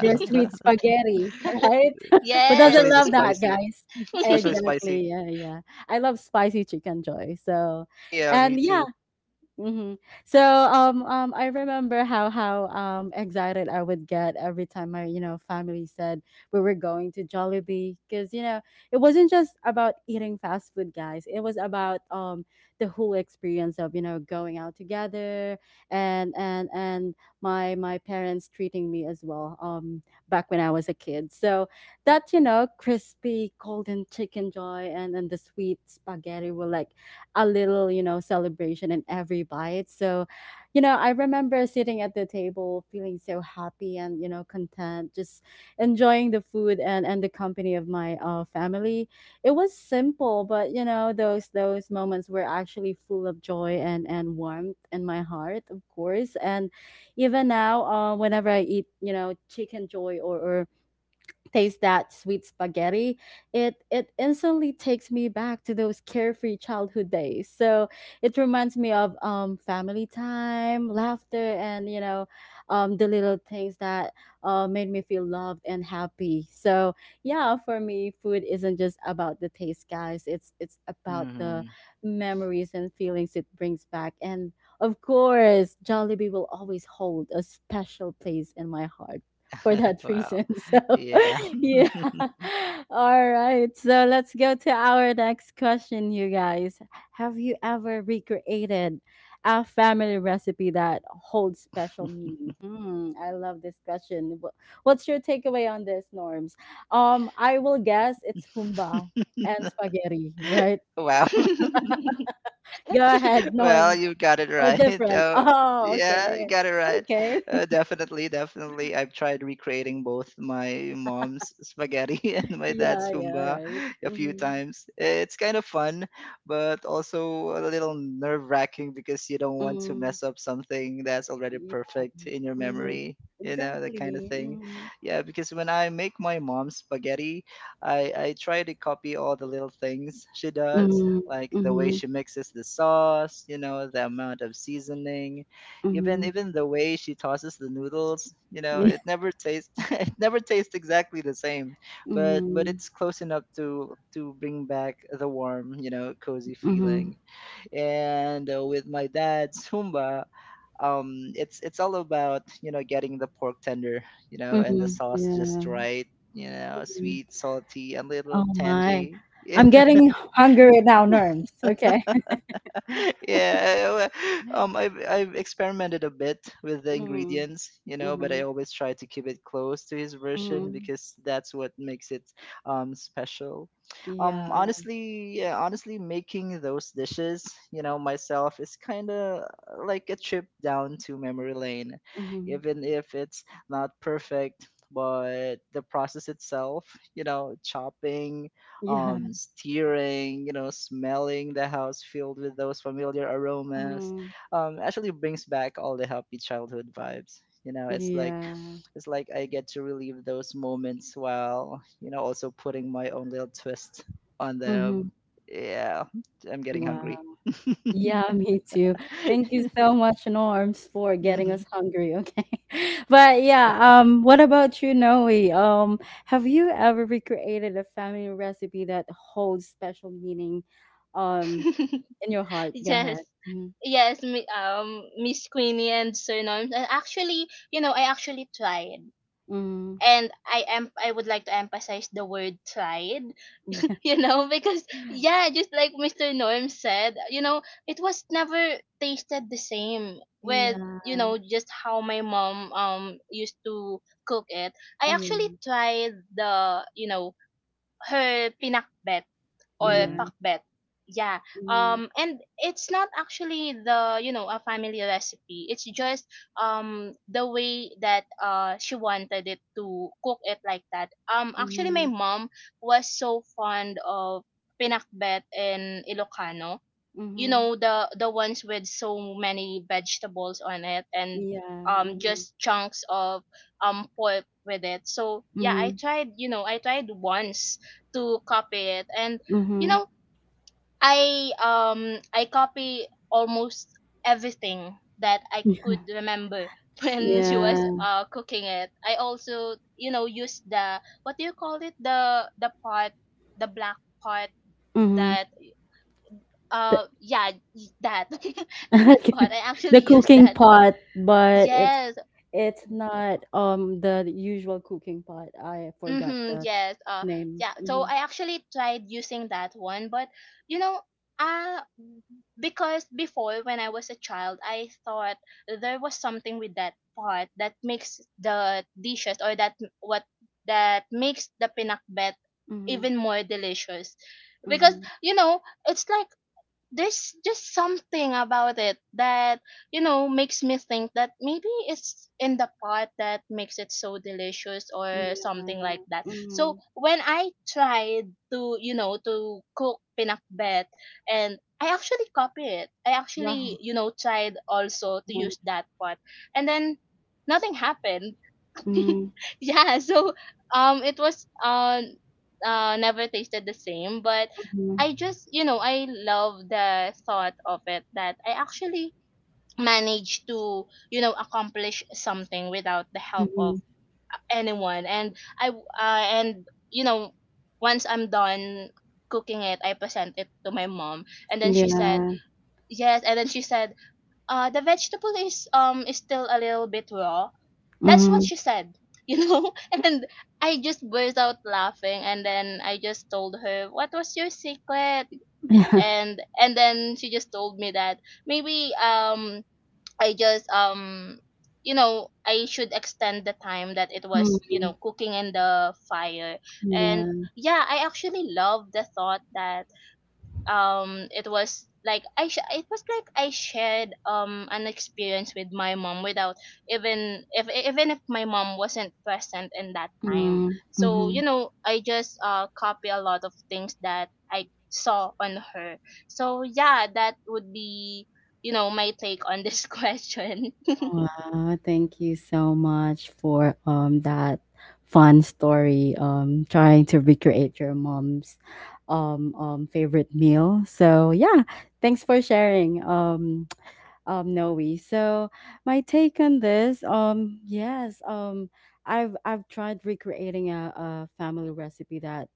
[SPEAKER 1] their sweet spaghetti, right? Who doesn't
[SPEAKER 2] especially
[SPEAKER 3] Yes.
[SPEAKER 2] the
[SPEAKER 1] love that,
[SPEAKER 2] spicy,
[SPEAKER 1] guys?
[SPEAKER 2] especially
[SPEAKER 1] Exactly.
[SPEAKER 2] spicy.
[SPEAKER 1] Yeah, yeah. I love spicy chicken joy.
[SPEAKER 2] Yeah, me
[SPEAKER 1] And yeah,
[SPEAKER 2] too.
[SPEAKER 1] Mm-hmm. So I remember how excited I would get every time my family said we were going to Jollibee because it wasn't just about eating fast food, guys. It was about the whole experience of going out together, and my parents treating me as well, back when I was a kid. So that, crispy golden chicken joy and the sweet spaghetti were like a little, celebration in every bite. So, you know, I remember sitting at the table feeling so happy and, you know, content, just enjoying the food and, the company of my family. It was simple, but, you know, those moments were actually full of joy and, warmth in my heart, of course. And even now, whenever I eat, you know, chicken joy or taste that sweet spaghetti, it instantly takes me back to those carefree childhood days. So it reminds me of family time, laughter, and you know, the little things that made me feel loved and happy. So yeah, for me, food isn't just about the taste, guys. It's about the
[SPEAKER 2] Hmm.
[SPEAKER 1] memories and feelings it brings back. And of course, Jollibee will always hold a special place in my heart for that
[SPEAKER 2] Wow.
[SPEAKER 1] reason. So
[SPEAKER 2] Yeah.
[SPEAKER 1] yeah. All right. So let's go to our next question, you guys. Have you ever recreated a family recipe that holds special meaning? Hmm, I love this question. What's your takeaway on this, Norms? I will guess it's humba and spaghetti, right?
[SPEAKER 2] Wow.
[SPEAKER 1] Go ahead,
[SPEAKER 2] Well,
[SPEAKER 1] Norms.
[SPEAKER 2] you've got it
[SPEAKER 1] Or
[SPEAKER 2] right.
[SPEAKER 1] different.
[SPEAKER 2] So
[SPEAKER 1] Oh,
[SPEAKER 2] yeah, you
[SPEAKER 1] okay.
[SPEAKER 2] got it right.
[SPEAKER 1] Okay.
[SPEAKER 2] Definitely. I've tried recreating both my mom's spaghetti and my dad's
[SPEAKER 1] Yeah, yeah,
[SPEAKER 2] humba
[SPEAKER 1] right.
[SPEAKER 2] a few
[SPEAKER 1] Mm-hmm.
[SPEAKER 2] times. It's kind of fun, but also a little nerve-wracking because you don't want to
[SPEAKER 1] Mm.
[SPEAKER 2] mess up something that's already perfect in your
[SPEAKER 1] Mhm.
[SPEAKER 2] memory. You know, that kind of
[SPEAKER 1] Exactly.
[SPEAKER 2] thing.
[SPEAKER 1] Mhm.
[SPEAKER 2] Yeah, because when I make my mom's spaghetti, I try to copy all the little things she does,
[SPEAKER 1] Mhm.
[SPEAKER 2] like the way
[SPEAKER 1] Mhm.
[SPEAKER 2] she mixes the sauce, you know, the amount of seasoning, even
[SPEAKER 1] Mhm.
[SPEAKER 2] even the way she tosses the noodles, you know,
[SPEAKER 1] Yeah.
[SPEAKER 2] it never tastes it never tastes exactly the same, but
[SPEAKER 1] Mhm.
[SPEAKER 2] it's close enough to bring back the warm, you know, cozy
[SPEAKER 1] Mhm.
[SPEAKER 2] feeling. And with my dad's humba, it's all about, you know, getting the pork tender, you know, and the
[SPEAKER 1] Mhm.
[SPEAKER 2] sauce just
[SPEAKER 1] Yeah.
[SPEAKER 2] right, you know,
[SPEAKER 1] Mhm.
[SPEAKER 2] sweet, salty, a little
[SPEAKER 1] Oh my.
[SPEAKER 2] tangy.
[SPEAKER 1] I'm getting hungry now, Norms. Okay.
[SPEAKER 2] yeah, I've experimented a bit with the
[SPEAKER 1] Mhm.
[SPEAKER 2] ingredients, you know, but I
[SPEAKER 1] Mhm.
[SPEAKER 2] always try to keep it close to his version
[SPEAKER 1] Mhm.
[SPEAKER 2] because that's what makes it special. Um,
[SPEAKER 1] Yeah.
[SPEAKER 2] honestly, yeah, honestly, making those dishes, you know, myself is kind of like a trip down to memory lane,
[SPEAKER 1] Mhm.
[SPEAKER 2] even if it's not perfect. But the process itself, you know, chopping,
[SPEAKER 1] Yeah.
[SPEAKER 2] steering, you know, smelling the house filled with those familiar aromas,
[SPEAKER 1] Mhm.
[SPEAKER 2] actually brings back all the happy childhood vibes. You know, it's like
[SPEAKER 1] Yeah.
[SPEAKER 2] it's like I get to relive those moments while, you know, also putting my own little twist on them.
[SPEAKER 1] Mhm.
[SPEAKER 2] Yeah, I'm getting
[SPEAKER 1] Wow.
[SPEAKER 2] hungry.
[SPEAKER 1] Yeah, me too. Thank you so much, Norms, for getting
[SPEAKER 2] Hmm.
[SPEAKER 1] us hungry, okay? But yeah, what about you, Noe? Have you ever recreated a family recipe that holds special meaning um in your heart? Go
[SPEAKER 3] Yes.
[SPEAKER 1] ahead. Mm-hmm.
[SPEAKER 3] Yes, Miss Queenie and surnames. And actually, you know, I actually tried,
[SPEAKER 1] Mm-hmm.
[SPEAKER 3] and I am, I would like to emphasize the word tried. You know, because yeah, just like Mr. Norm said, you know, it was never tasted the same with, you
[SPEAKER 1] Yeah.
[SPEAKER 3] know, just how my mom used to cook it. I
[SPEAKER 1] Yeah.
[SPEAKER 3] actually tried the, you know, her pinakbet, or
[SPEAKER 1] Yeah.
[SPEAKER 2] Hmm.
[SPEAKER 3] pakbet. Yeah.
[SPEAKER 1] Mm-hmm.
[SPEAKER 3] Um, and it's not actually the, you know, a family recipe. It's just the way that she wanted it to cook it like that. Um, actually my
[SPEAKER 1] Mm-hmm.
[SPEAKER 3] mom was so fond of pinakbet in Ilocano, you
[SPEAKER 1] Mm-hmm.
[SPEAKER 3] know, the ones with so many vegetables on it, and
[SPEAKER 1] Yeah. Mm-hmm.
[SPEAKER 3] just chunks of pork with it. So yeah,
[SPEAKER 1] Mm-hmm.
[SPEAKER 3] I tried, you know, I tried once to copy it, and you
[SPEAKER 1] Mm-hmm.
[SPEAKER 3] know, I copy almost everything that I could remember when she was
[SPEAKER 1] Yeah.
[SPEAKER 3] cooking it. I also, you know, used the, what do you call it, the, the pot, the black pot,
[SPEAKER 1] Mm-hmm.
[SPEAKER 3] that yeah, y- that that
[SPEAKER 1] Okay.
[SPEAKER 3] part, I actually
[SPEAKER 1] The
[SPEAKER 3] used
[SPEAKER 1] cooking
[SPEAKER 3] that part.
[SPEAKER 1] pot, but it's
[SPEAKER 3] Yes.
[SPEAKER 1] it's not, the usual cooking pot. I forgot
[SPEAKER 3] Mm-hmm,
[SPEAKER 1] the
[SPEAKER 3] yes. Uh
[SPEAKER 1] name.
[SPEAKER 3] yeah, so
[SPEAKER 1] Mhm,
[SPEAKER 3] I actually tried using that one. But you know, uh because before, when I was a child, I thought there was something with that part that makes the dishes, or that, what, that makes the pinakbet
[SPEAKER 1] mhm,
[SPEAKER 3] even more delicious. Because
[SPEAKER 1] mhm.
[SPEAKER 3] you know, it's like there's just something about it that you know makes me think that maybe it's in the pot that makes it so delicious, or
[SPEAKER 1] Yeah.
[SPEAKER 3] something like that. So
[SPEAKER 1] Mhm.
[SPEAKER 3] when I tried to, you know, to cook pinakbet, and I actually copy it, I actually,
[SPEAKER 1] Wow.
[SPEAKER 3] you know, tried also to
[SPEAKER 1] Wow.
[SPEAKER 3] use that pot, and then nothing happened.
[SPEAKER 1] Mhm,
[SPEAKER 3] Yeah, so it was never tasted the same. But
[SPEAKER 1] mhm,
[SPEAKER 3] I just, you know, I love the thought of it that I actually managed to, you know, accomplish something without the help of
[SPEAKER 1] mhm.
[SPEAKER 3] anyone. And I and you know, once I'm done cooking it, I present it to my mom, and then she said,
[SPEAKER 1] Yeah.
[SPEAKER 3] yes, and then she said, the vegetable is, is still a little bit raw, that's what
[SPEAKER 1] Mhm.
[SPEAKER 3] she said, you know. And I just burst out laughing, and then I just told her, what was your secret?
[SPEAKER 1] Yeah.
[SPEAKER 3] And then She just told me that maybe I just you know I should extend the time that it was
[SPEAKER 1] Mhm.
[SPEAKER 3] cooking in the fire. And
[SPEAKER 1] Yeah.
[SPEAKER 3] yeah, I actually love the thought that it was like it was like I shared an experience with my mom without even if my mom wasn't present in that time.
[SPEAKER 1] Mhm,
[SPEAKER 3] So you
[SPEAKER 1] mhm.
[SPEAKER 3] know I just copy a lot of things that I saw on her. So yeah, that would be you know my take on this question.
[SPEAKER 1] Wow, thank you so much for that fun story trying to recreate your mom's um favorite meal. So yeah, thanks for sharing, Noe. So my take on this, yes, I've tried recreating a family recipe that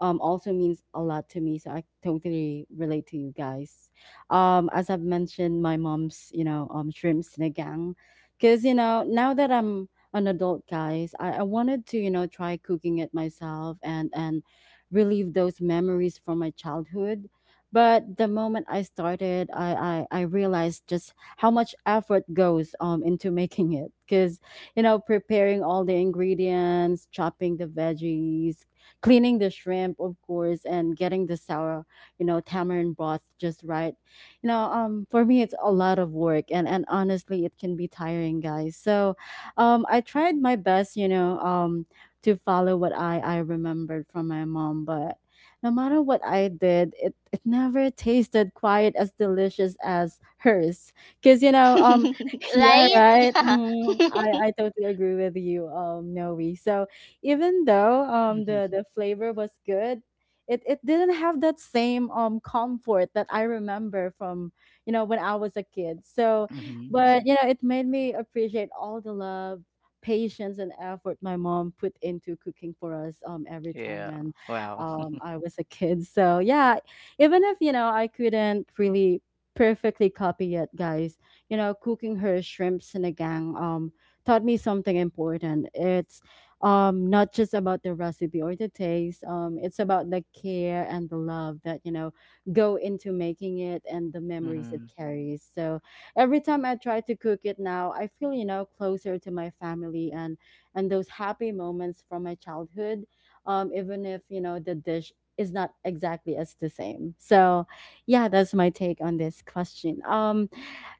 [SPEAKER 1] also means a lot to me. So I totally relate to you guys. As I've mentioned, my mom's, you know, shrimp sinigang. Because, you know, now that I'm an adult, guys, I wanted to, you know, try cooking it myself and, relive those memories from my childhood. But the moment I started, I realized just how much effort goes, into making it. Because, you know, preparing all the ingredients, chopping the veggies, cleaning the shrimp, of course, and getting the sour, you know, tamarind broth just right. You know, for me, it's a lot of work, and honestly, it can be tiring, guys. So, I tried my best, you know, to follow what I remembered from my mom, but no matter what I did, it never tasted quite as delicious as hers. Cause you know, yeah,
[SPEAKER 3] Right?
[SPEAKER 1] right.
[SPEAKER 3] Yeah.
[SPEAKER 1] Mm, I totally agree with you, Noe. So even though the
[SPEAKER 2] Hmm.
[SPEAKER 1] flavor was good, it didn't have that same comfort that I remember from, when I was a kid. So,
[SPEAKER 2] Hmm.
[SPEAKER 1] but you know, it made me appreciate all the love, patience, and effort my mom put into cooking for us, every time
[SPEAKER 2] Yeah.
[SPEAKER 1] when,
[SPEAKER 2] Wow.
[SPEAKER 1] I was a kid. So yeah, even if you know I couldn't really perfectly copy it, guys, you know, cooking her shrimps in a gang, taught me something important. It's, not just about the recipe or the taste, it's about the care and the love that, you know, go into making it, and the memories it
[SPEAKER 2] hmm
[SPEAKER 1] carries. So every time I try to cook it now, I feel, you know, closer to my family, and those happy moments from my childhood, even if you know the dish is not exactly as the same. So yeah, that's my take on this question.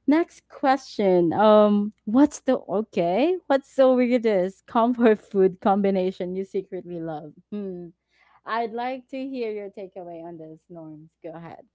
[SPEAKER 1] Next question. What's the okay? What's the weirdest comfort food combination you secretly love? Hmm. I'd like to hear your takeaway on this, Norms. Go ahead.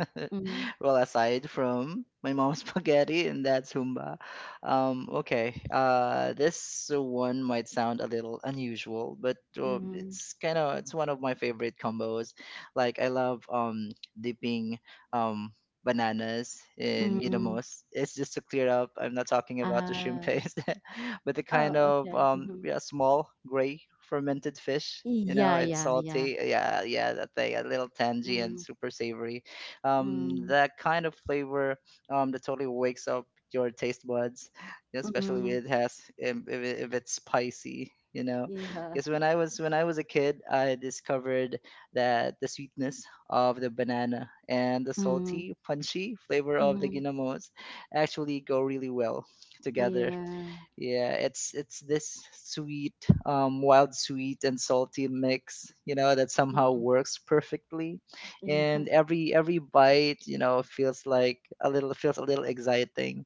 [SPEAKER 1] Mm-hmm.
[SPEAKER 2] well, aside from my mom's spaghetti and dad's humba, okay, this one might sound a little unusual, but
[SPEAKER 1] Mm-hmm.
[SPEAKER 2] it's kind of it's one of my favorite combos. Like I love dipping um bananas in
[SPEAKER 1] Mm-hmm.
[SPEAKER 2] ginamos. It's just to clear up, I'm not talking about the shrimp
[SPEAKER 1] Uh,
[SPEAKER 2] paste, but the kind
[SPEAKER 1] oh,
[SPEAKER 2] of
[SPEAKER 1] okay. Mm-hmm.
[SPEAKER 2] yeah, small gray fermented fish. You know,
[SPEAKER 1] Yeah,
[SPEAKER 2] it's
[SPEAKER 1] yeah, yeah.
[SPEAKER 2] salty. Yeah, yeah, that thing, a little tangy and
[SPEAKER 1] Mm,
[SPEAKER 2] super savory,
[SPEAKER 1] mm,
[SPEAKER 2] that kind of flavor, that totally wakes up your taste buds, especially
[SPEAKER 1] mm,
[SPEAKER 2] if it has if it's spicy. You know,
[SPEAKER 1] yeah.
[SPEAKER 2] because when I was a kid, I discovered that the sweetness of the banana and the
[SPEAKER 1] Mm,
[SPEAKER 2] salty, punchy flavor of the
[SPEAKER 1] mm,
[SPEAKER 2] ginamos actually go really well together.
[SPEAKER 1] yeah.
[SPEAKER 2] Yeah, it's this sweet, wild sweet and salty mix, you know, that somehow
[SPEAKER 1] Mm,
[SPEAKER 2] works perfectly.
[SPEAKER 1] yeah.
[SPEAKER 2] And every bite, feels a little exciting.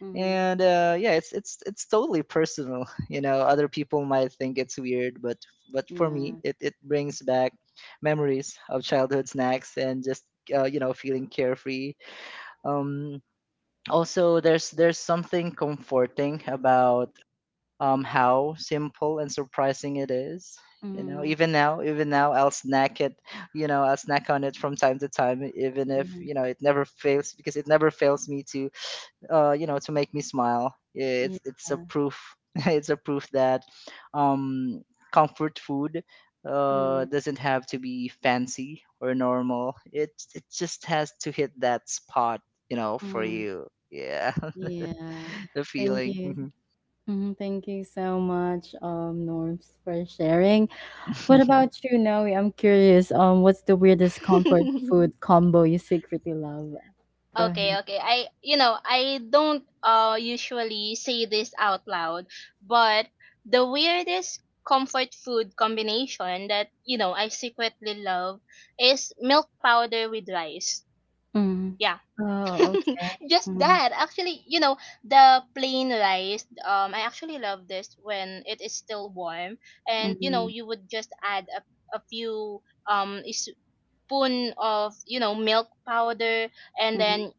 [SPEAKER 1] Mm,
[SPEAKER 2] And yeah, it's totally personal. You know, other people might think it's weird, but for me,
[SPEAKER 1] yeah.
[SPEAKER 2] it brings back memories of childhood snacks and just you know, feeling carefree. Um, Also there's something comforting about how simple and surprising it is. You know,
[SPEAKER 1] Mm,
[SPEAKER 2] even now, I'll snack it. You know, I'll snack on it from time to time, even if
[SPEAKER 1] mm,
[SPEAKER 2] you know it never fails because it never fails me to, you know, to make me smile.
[SPEAKER 1] yeah.
[SPEAKER 2] It's a proof. It's a proof that, um, comfort food,
[SPEAKER 1] Mm,
[SPEAKER 2] doesn't have to be fancy or normal. It just has to hit that spot. You know, for
[SPEAKER 1] mm,
[SPEAKER 2] you. Yeah,
[SPEAKER 1] yeah.
[SPEAKER 2] the
[SPEAKER 1] Thank
[SPEAKER 2] feeling.
[SPEAKER 1] you. Mhm. Thank you so much, Norms, for sharing. What about you, Noe? I'm curious. What's the weirdest comfort food combo you secretly love? Go
[SPEAKER 3] Okay,
[SPEAKER 1] ahead.
[SPEAKER 3] okay. I, you know, I don't usually say this out loud, but the weirdest comfort food combination that, you know, I secretly love is milk powder with rice.
[SPEAKER 1] Mm.
[SPEAKER 3] Yeah.
[SPEAKER 1] Oh, okay.
[SPEAKER 3] Just
[SPEAKER 1] Mhm,
[SPEAKER 3] that. Actually, you know, the plain rice, I actually love this when it is still warm, and you know,
[SPEAKER 1] mhm,
[SPEAKER 3] you would just add a few um spoon of, you know, milk powder, and
[SPEAKER 1] mhm,
[SPEAKER 3] then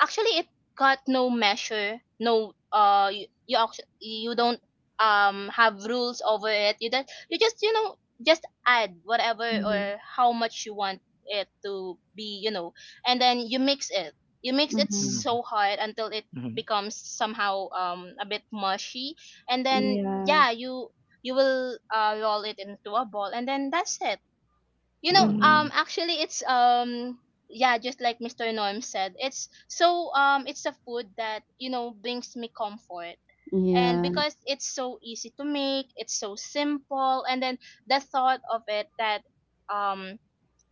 [SPEAKER 3] actually it got no measure, no you, you actually you don't have rules over it, you don't, you just you know just add whatever
[SPEAKER 1] mhm,
[SPEAKER 3] or how much you want it to be, you know, and then you mix it. You mix it
[SPEAKER 1] mhm.
[SPEAKER 2] Mhm.
[SPEAKER 3] so hard until it
[SPEAKER 2] Mhm.
[SPEAKER 3] becomes somehow a bit mushy, and then
[SPEAKER 1] Yeah.
[SPEAKER 3] yeah, you will roll it into a ball, and then that's it. You know,
[SPEAKER 1] Mhm.
[SPEAKER 2] Mm,
[SPEAKER 3] actually it's yeah, just like Mister Norm said, it's so it's a food that you know brings me comfort, and
[SPEAKER 1] Yeah.
[SPEAKER 3] because it's so easy to make, it's so simple. And then the thought of it, that um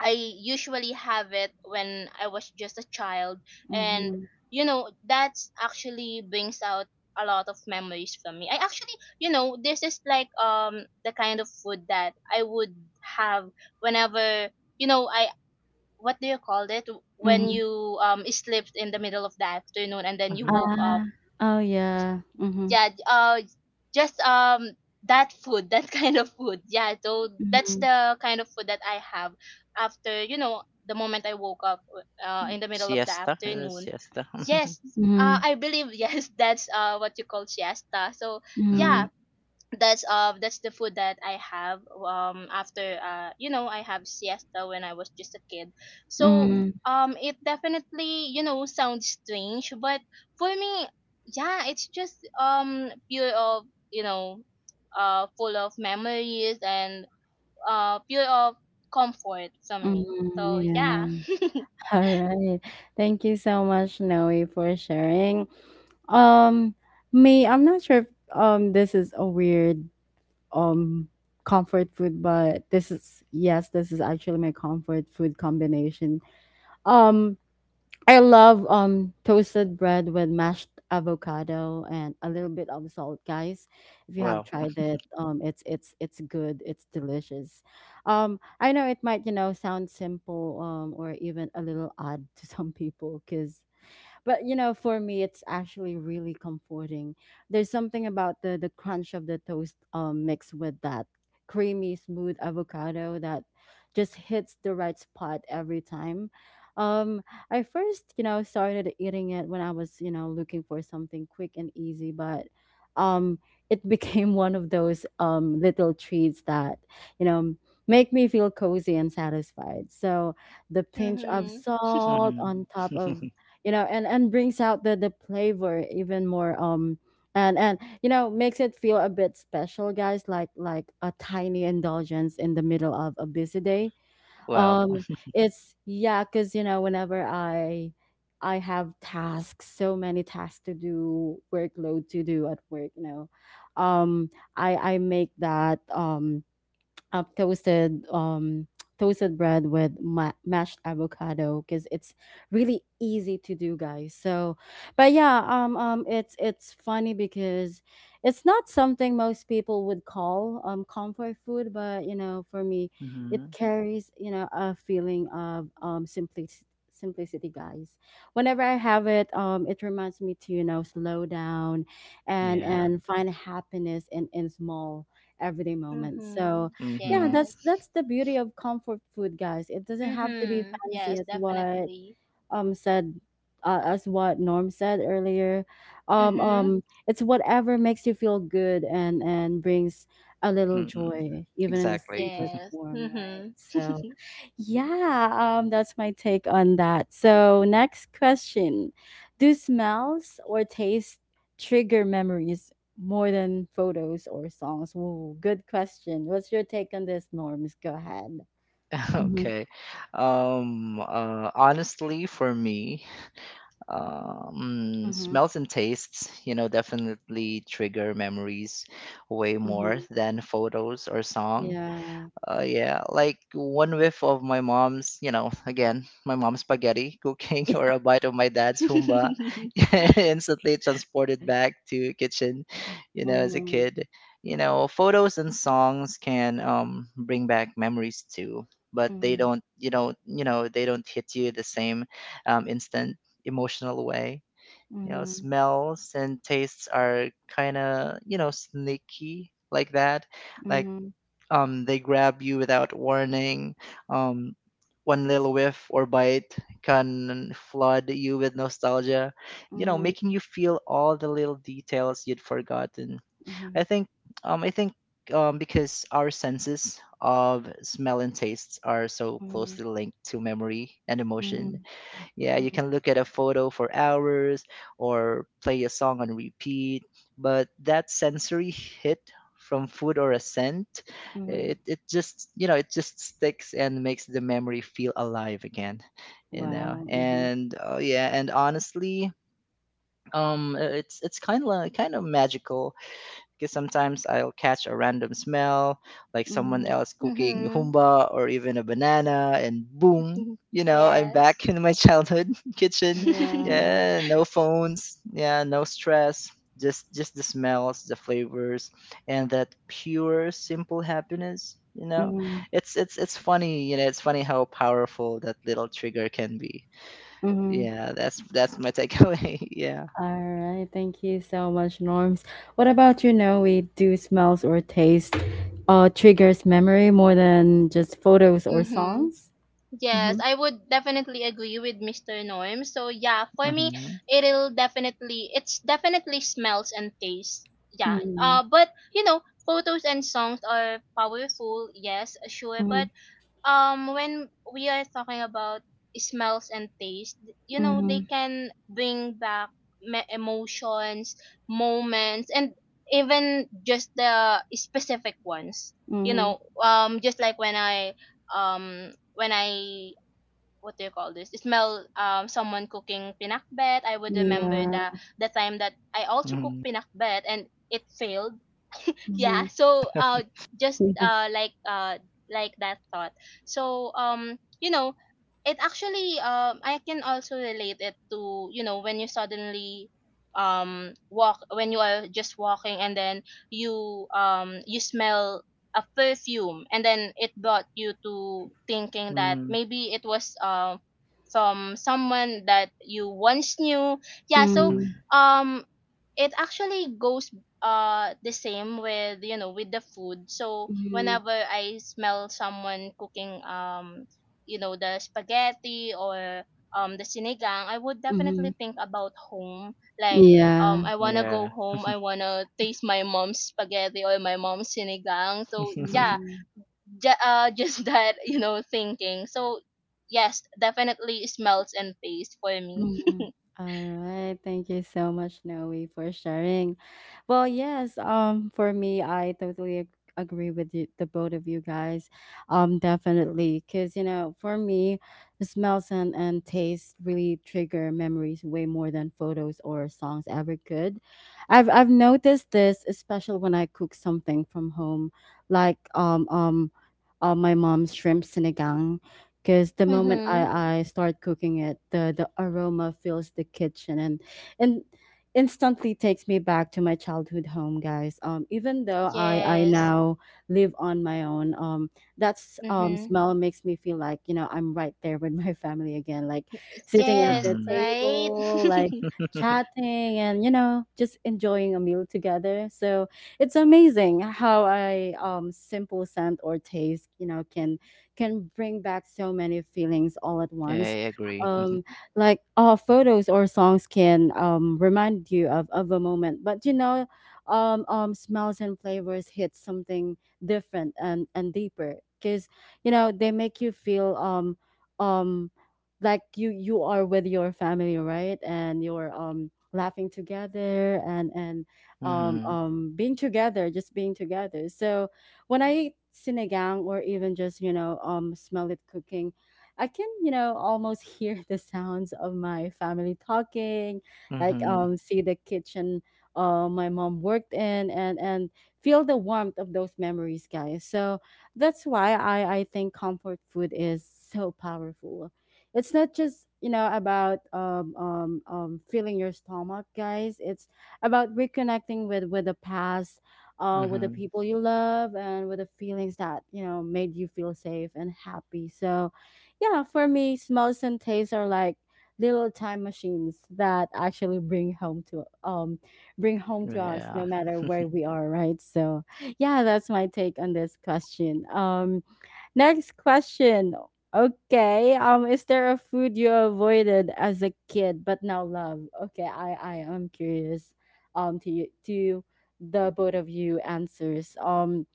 [SPEAKER 3] I usually have it when I was just a child, and
[SPEAKER 1] Mhm,
[SPEAKER 3] you know that's actually brings out a lot of memories from me. I actually, you know, this is like the kind of food that I would have whenever you know I, what do you call it, when
[SPEAKER 1] mhm.
[SPEAKER 3] you slept in the middle of the afternoon and then you
[SPEAKER 2] mhm.
[SPEAKER 3] woke up.
[SPEAKER 1] Ah. Oh, yeah. Mhm,
[SPEAKER 3] Yeah, just that food that kind of food, yeah, so that's
[SPEAKER 1] mhm,
[SPEAKER 3] the kind of food that I have after, you know, the moment I woke up, in the middle of the
[SPEAKER 2] Siesta? It is
[SPEAKER 3] afternoon.
[SPEAKER 2] siesta?
[SPEAKER 3] Yes,
[SPEAKER 1] mhm,
[SPEAKER 3] I believe yes, that's what you call siesta. So yeah,
[SPEAKER 2] Mhm,
[SPEAKER 1] mhm,
[SPEAKER 3] that's the food that I have after, you know, I have siesta when I was just a kid. So
[SPEAKER 2] mm.
[SPEAKER 1] mhm,
[SPEAKER 3] it definitely you know sounds strange, but for me, yeah, it's just pure of you know full of memories and pure of comfort from me.
[SPEAKER 1] mhm.
[SPEAKER 3] So yeah.
[SPEAKER 1] Yeah. All right. Thank you so much, Noe, for sharing. Um, me, I'm not sure if this is a weird um comfort food, but this is, yes, this is actually my comfort food combination. Um, I love toasted bread with mashed avocado and a little bit of salt, guys. If you have
[SPEAKER 2] Wow.
[SPEAKER 1] tried it, it's good, it's delicious. Um, I know it might, you know, sound simple or even a little odd to some people, cuz but you know for me it's actually really comforting. There's something about the crunch of the toast, mixed with that creamy smooth avocado that just hits the right spot every time. um I first, you know, started eating it when I was, you know, looking for something quick and easy, but um it became one of those little treats that, you know, make me feel cozy and satisfied. So the pinch of
[SPEAKER 3] Mhm.
[SPEAKER 1] salt
[SPEAKER 2] Mhm.
[SPEAKER 1] on top of, you know, and brings out the flavor even more, and you know makes it feel a bit special, guys, like a tiny indulgence in the middle of a busy day.
[SPEAKER 2] Wow.
[SPEAKER 1] um it's, yeah, because you know whenever I have tasks, so many tasks to do, workload to do at work, you know, um I make that toasted toasted bread with mashed avocado because it's really easy to do, guys. So but yeah, it's funny because it's not something most people would call comfort food, but you know for me it
[SPEAKER 2] Mhm.
[SPEAKER 1] carries, you know, a feeling of simplicity guys. Whenever I have it, it reminds me to, you know, slow down and
[SPEAKER 2] Yeah.
[SPEAKER 1] find happiness in small everyday moments.
[SPEAKER 3] Mhm.
[SPEAKER 1] So yeah,
[SPEAKER 2] Mhm.
[SPEAKER 1] that's
[SPEAKER 3] Yes.
[SPEAKER 1] the beauty of comfort food, guys. It doesn't have to be
[SPEAKER 3] Mhm.
[SPEAKER 1] fancy
[SPEAKER 3] Yes,
[SPEAKER 1] as what
[SPEAKER 3] definitely.
[SPEAKER 1] said as what Norm said earlier.
[SPEAKER 3] Mhm.
[SPEAKER 1] It's whatever makes you feel good and brings a little
[SPEAKER 2] Mm-mm.
[SPEAKER 1] joy even in the
[SPEAKER 2] Exactly.
[SPEAKER 1] simplest
[SPEAKER 3] Yes.
[SPEAKER 1] form, right?
[SPEAKER 3] Mhm.
[SPEAKER 1] So yeah, that's my take on that. So, next question: do smells or taste trigger memories more than photos or songs? Ooh, good question. What's your take on this, Norms? Go ahead. Mm-hmm.
[SPEAKER 2] Okay. Honestly, for me,
[SPEAKER 1] Mm-hmm.
[SPEAKER 2] smells and tastes, you know, definitely trigger memories way more
[SPEAKER 1] Mm-hmm.
[SPEAKER 2] than photos or song.
[SPEAKER 1] Yeah.
[SPEAKER 2] Yeah, like one whiff of my mom's, you know, again, my mom's spaghetti cooking or a bite of my dad's humba instantly transported back to kitchen, you know, as a
[SPEAKER 1] Mm-hmm.
[SPEAKER 2] kid. You know, photos and songs can bring back memories too, but they
[SPEAKER 1] Mm-hmm.
[SPEAKER 2] don't, you know, they don't hit you the same instant emotional way. You know,
[SPEAKER 1] Mm-hmm.
[SPEAKER 2] smells and tastes are kind of, you know, sneaky like that, like they grab you without warning. Um, One little whiff or bite can flood you with nostalgia, you know,
[SPEAKER 1] Mm-hmm.
[SPEAKER 2] making you feel all the little details you'd forgotten.
[SPEAKER 1] Mm-hmm.
[SPEAKER 2] I think, I think, because our senses of smell and taste are so
[SPEAKER 1] Mm-hmm.
[SPEAKER 2] closely linked to memory and
[SPEAKER 1] Mm-hmm.
[SPEAKER 2] emotion, yeah, you can look at a photo for hours or play a song on repeat, but that sensory hit from food or a scent,
[SPEAKER 1] Mm-hmm.
[SPEAKER 2] it just, you know, it just sticks and makes the memory feel alive again, you know.
[SPEAKER 1] Wow. Mm-hmm.
[SPEAKER 2] And oh yeah, and honestly, it's kind of magical because sometimes I'll catch a random smell, like someone
[SPEAKER 1] Mm-hmm.
[SPEAKER 2] else cooking
[SPEAKER 3] Mhm.
[SPEAKER 2] humba or even a banana, and boom, you know, I'm
[SPEAKER 3] Yes.
[SPEAKER 2] back in my childhood kitchen.
[SPEAKER 1] Yeah.
[SPEAKER 2] Yeah, no phones. Yeah, no stress. Just the smells, the flavors, and that pure, simple happiness. You know,
[SPEAKER 1] Mm-hmm.
[SPEAKER 2] it's funny. You know, it's funny how powerful that little trigger can be. Yeah, that's my takeaway. Yeah.
[SPEAKER 1] All right, thank you so much, Norms. What about, you know, we do smells or taste triggers memory more than just photos or
[SPEAKER 3] Mhm.
[SPEAKER 1] songs?
[SPEAKER 3] Yes,
[SPEAKER 1] Mm-hmm.
[SPEAKER 3] I would definitely agree with Mr. Norm. So yeah, for me,
[SPEAKER 2] Mm-hmm.
[SPEAKER 3] it'll definitely it's definitely smells and taste. Yeah.
[SPEAKER 1] Mm-hmm.
[SPEAKER 3] But you know, photos and songs are powerful. Yes, sure,
[SPEAKER 1] Mm-hmm.
[SPEAKER 3] but when we are talking about smells and taste, you know they
[SPEAKER 1] Mm-hmm.
[SPEAKER 3] can bring back emotions, moments, and even just the specific ones. You
[SPEAKER 1] Mm-hmm.
[SPEAKER 3] know, just like when I, what do you call this smell, someone cooking pinakbet, I would remember
[SPEAKER 1] Yeah.
[SPEAKER 3] the time that I also cooked
[SPEAKER 2] Mm-hmm.
[SPEAKER 3] pinakbet and it failed.
[SPEAKER 1] Mm-hmm.
[SPEAKER 3] Yeah, so just like that thought. So you know, it actually I can also relate it to you know when you suddenly walk when you are just walking and then you you smell a perfume, and then it brought you to thinking that
[SPEAKER 2] Mm-hmm.
[SPEAKER 3] maybe it was from someone that you once knew. Yeah,
[SPEAKER 1] Yeah.
[SPEAKER 3] so
[SPEAKER 2] Mm-hmm.
[SPEAKER 3] um it actually goes the same with you know with the food. So
[SPEAKER 1] Mm-hmm.
[SPEAKER 3] whenever I smell someone cooking, you know, the spaghetti or the sinigang, I would definitely
[SPEAKER 1] Mm-hmm.
[SPEAKER 3] think about home. Like,
[SPEAKER 1] Yeah.
[SPEAKER 3] I want to
[SPEAKER 2] Yeah.
[SPEAKER 3] go home, I want to taste my mom's spaghetti or my mom's sinigang. So yeah,
[SPEAKER 1] Mm-hmm.
[SPEAKER 3] just that you know thinking. So yes, definitely smells and taste for me.
[SPEAKER 1] Mhm. All right. Thank you so much, Noe, for sharing. Well, yes, for me, I totally agree with you, the both of you guys. Definitely. Because, you know, for me, the smells and, taste really trigger memories way more than photos or songs ever could. I've noticed this, especially when I cook something from home, like my mom's shrimp sinigang, because the moment
[SPEAKER 3] Mhm.
[SPEAKER 1] I start cooking it, the aroma fills the kitchen and and instantly takes me back to my childhood home, guys. Even though I
[SPEAKER 3] Yes.
[SPEAKER 1] now live on my own, that
[SPEAKER 3] Mhm.
[SPEAKER 1] smell makes me feel like, you know, I'm right there with my family again, like sitting at the
[SPEAKER 3] Yes,
[SPEAKER 2] Hmm.
[SPEAKER 3] right?
[SPEAKER 1] table, like chatting and, you know, just enjoying a meal together. So it's amazing how I simple scent or taste, you know, can bring back so many feelings all at once.
[SPEAKER 2] I agree.
[SPEAKER 1] Um, like photos or songs can remind you of a moment, but smells and flavors hit something different and deeper because you know they make you feel um, like you are with your family, right? And you're laughing together and and um,
[SPEAKER 2] Hmm.
[SPEAKER 1] um, being together, just being together. So when I eat sinigang or even just you know smell it cooking, I can you know almost hear the sounds of my family talking, like
[SPEAKER 2] Hmm.
[SPEAKER 1] see the kitchen my mom worked in and feel the warmth of those memories, guys. So that's why I think comfort food is so powerful. It's not just you know about filling your stomach, guys. It's about reconnecting with the past with the
[SPEAKER 2] Hmm.
[SPEAKER 1] people you love and with the feelings that you know made you feel safe and happy so yeah for me smells and tastes are like little time machines that actually bring home to us
[SPEAKER 2] Yeah.
[SPEAKER 1] no matter where we are right so yeah that's my take on this question. Next question. Okay. Is there a food you avoided as a kid but now love? Okay, I am curious. To you, to the both of you answers. Um,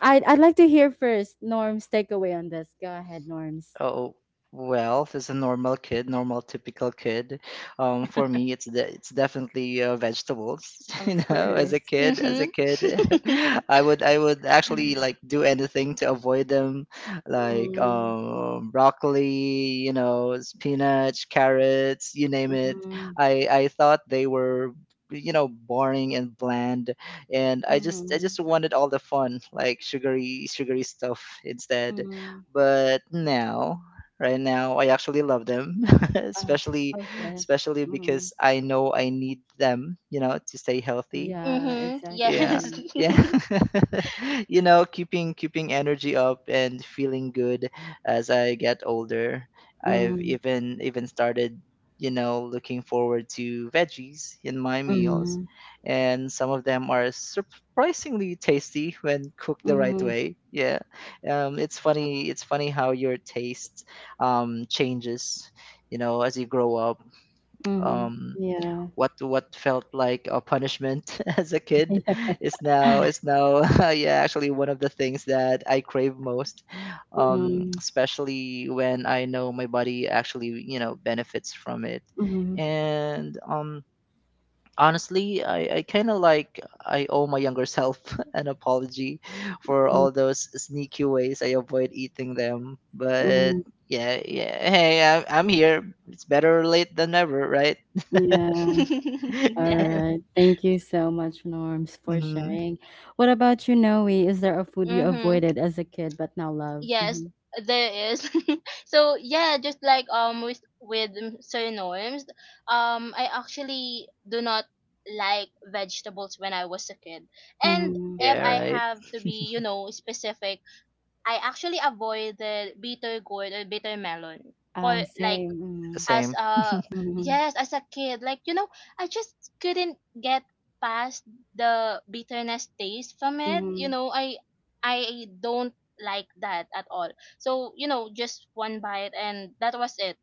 [SPEAKER 1] I I'd like to hear first Norm's takeaway on this. Go ahead, Norms.
[SPEAKER 2] Oh, well, as a normal kid, normal typical kid, for me, it's definitely vegetables.
[SPEAKER 1] Of
[SPEAKER 2] You know, as a
[SPEAKER 1] course.
[SPEAKER 2] kid, as a
[SPEAKER 3] Mhm.
[SPEAKER 2] kid, I would actually like do anything to avoid them, like
[SPEAKER 1] Mm,
[SPEAKER 2] broccoli, you know, spinach, carrots, you name it.
[SPEAKER 1] mm,
[SPEAKER 2] I thought they were. You know, boring and bland, and i just i
[SPEAKER 1] mm,
[SPEAKER 2] just wanted all the fun, like sugary sugary stuff instead.
[SPEAKER 1] mm.
[SPEAKER 2] But now, right now, I actually love them,
[SPEAKER 1] Ah,
[SPEAKER 2] especially
[SPEAKER 1] okay.
[SPEAKER 2] especially
[SPEAKER 1] Mm.
[SPEAKER 2] because I know I need them, you know, to stay healthy.
[SPEAKER 1] Yeah,
[SPEAKER 3] Mhm. Yes.
[SPEAKER 2] Yeah.
[SPEAKER 1] exactly.
[SPEAKER 2] Yeah. You know, keeping keeping energy up and feeling good as I get older. I've
[SPEAKER 1] Mm,
[SPEAKER 2] even started, you know, looking forward to veggies in my meals,
[SPEAKER 1] mm,
[SPEAKER 2] and some of them are surprisingly tasty when cooked the right
[SPEAKER 1] mm,
[SPEAKER 2] way. Yeah, it's funny, it's funny how your taste changes, you know, as you grow up.
[SPEAKER 1] mm.
[SPEAKER 2] um,
[SPEAKER 1] Yeah.
[SPEAKER 2] what felt like a punishment as a kid
[SPEAKER 1] Mhm,
[SPEAKER 2] is now yeah actually one of the things that I crave most, especially when I know my body actually, you know, benefits from it.
[SPEAKER 1] mhm,
[SPEAKER 2] And honestly, I kind of like, I owe my younger self an apology for
[SPEAKER 1] mhm,
[SPEAKER 2] all those sneaky ways I avoid eating them. But
[SPEAKER 1] mhm.
[SPEAKER 2] yeah, yeah, hey, I I'm here. It's better late than never, right?
[SPEAKER 1] Yeah.
[SPEAKER 3] Yes.
[SPEAKER 1] Alright. Thank you so much, Norms, for
[SPEAKER 2] Mhm.
[SPEAKER 1] sharing. What about you, Noe? Is there a food you
[SPEAKER 3] Mhm.
[SPEAKER 1] avoided as a kid but now love?
[SPEAKER 3] Yes,
[SPEAKER 1] Mm-hmm.
[SPEAKER 3] there is. So yeah, just like with Sir Norms, I actually do not like vegetables when I was a kid. And
[SPEAKER 1] Mm-hmm.
[SPEAKER 3] if
[SPEAKER 2] Yeah,
[SPEAKER 3] I
[SPEAKER 2] right.
[SPEAKER 3] have to be, you know, specific, I actually avoided bitter gourd or bitter melon for
[SPEAKER 1] Oh,
[SPEAKER 3] like
[SPEAKER 1] same.
[SPEAKER 3] as
[SPEAKER 2] Same.
[SPEAKER 3] a
[SPEAKER 1] Mm-hmm.
[SPEAKER 3] yes, as a kid. Like you know I just couldn't get past the bitterness taste from it. You
[SPEAKER 1] Mm-hmm.
[SPEAKER 3] know, I don't like that at all. So, you know, just one bite and that was it.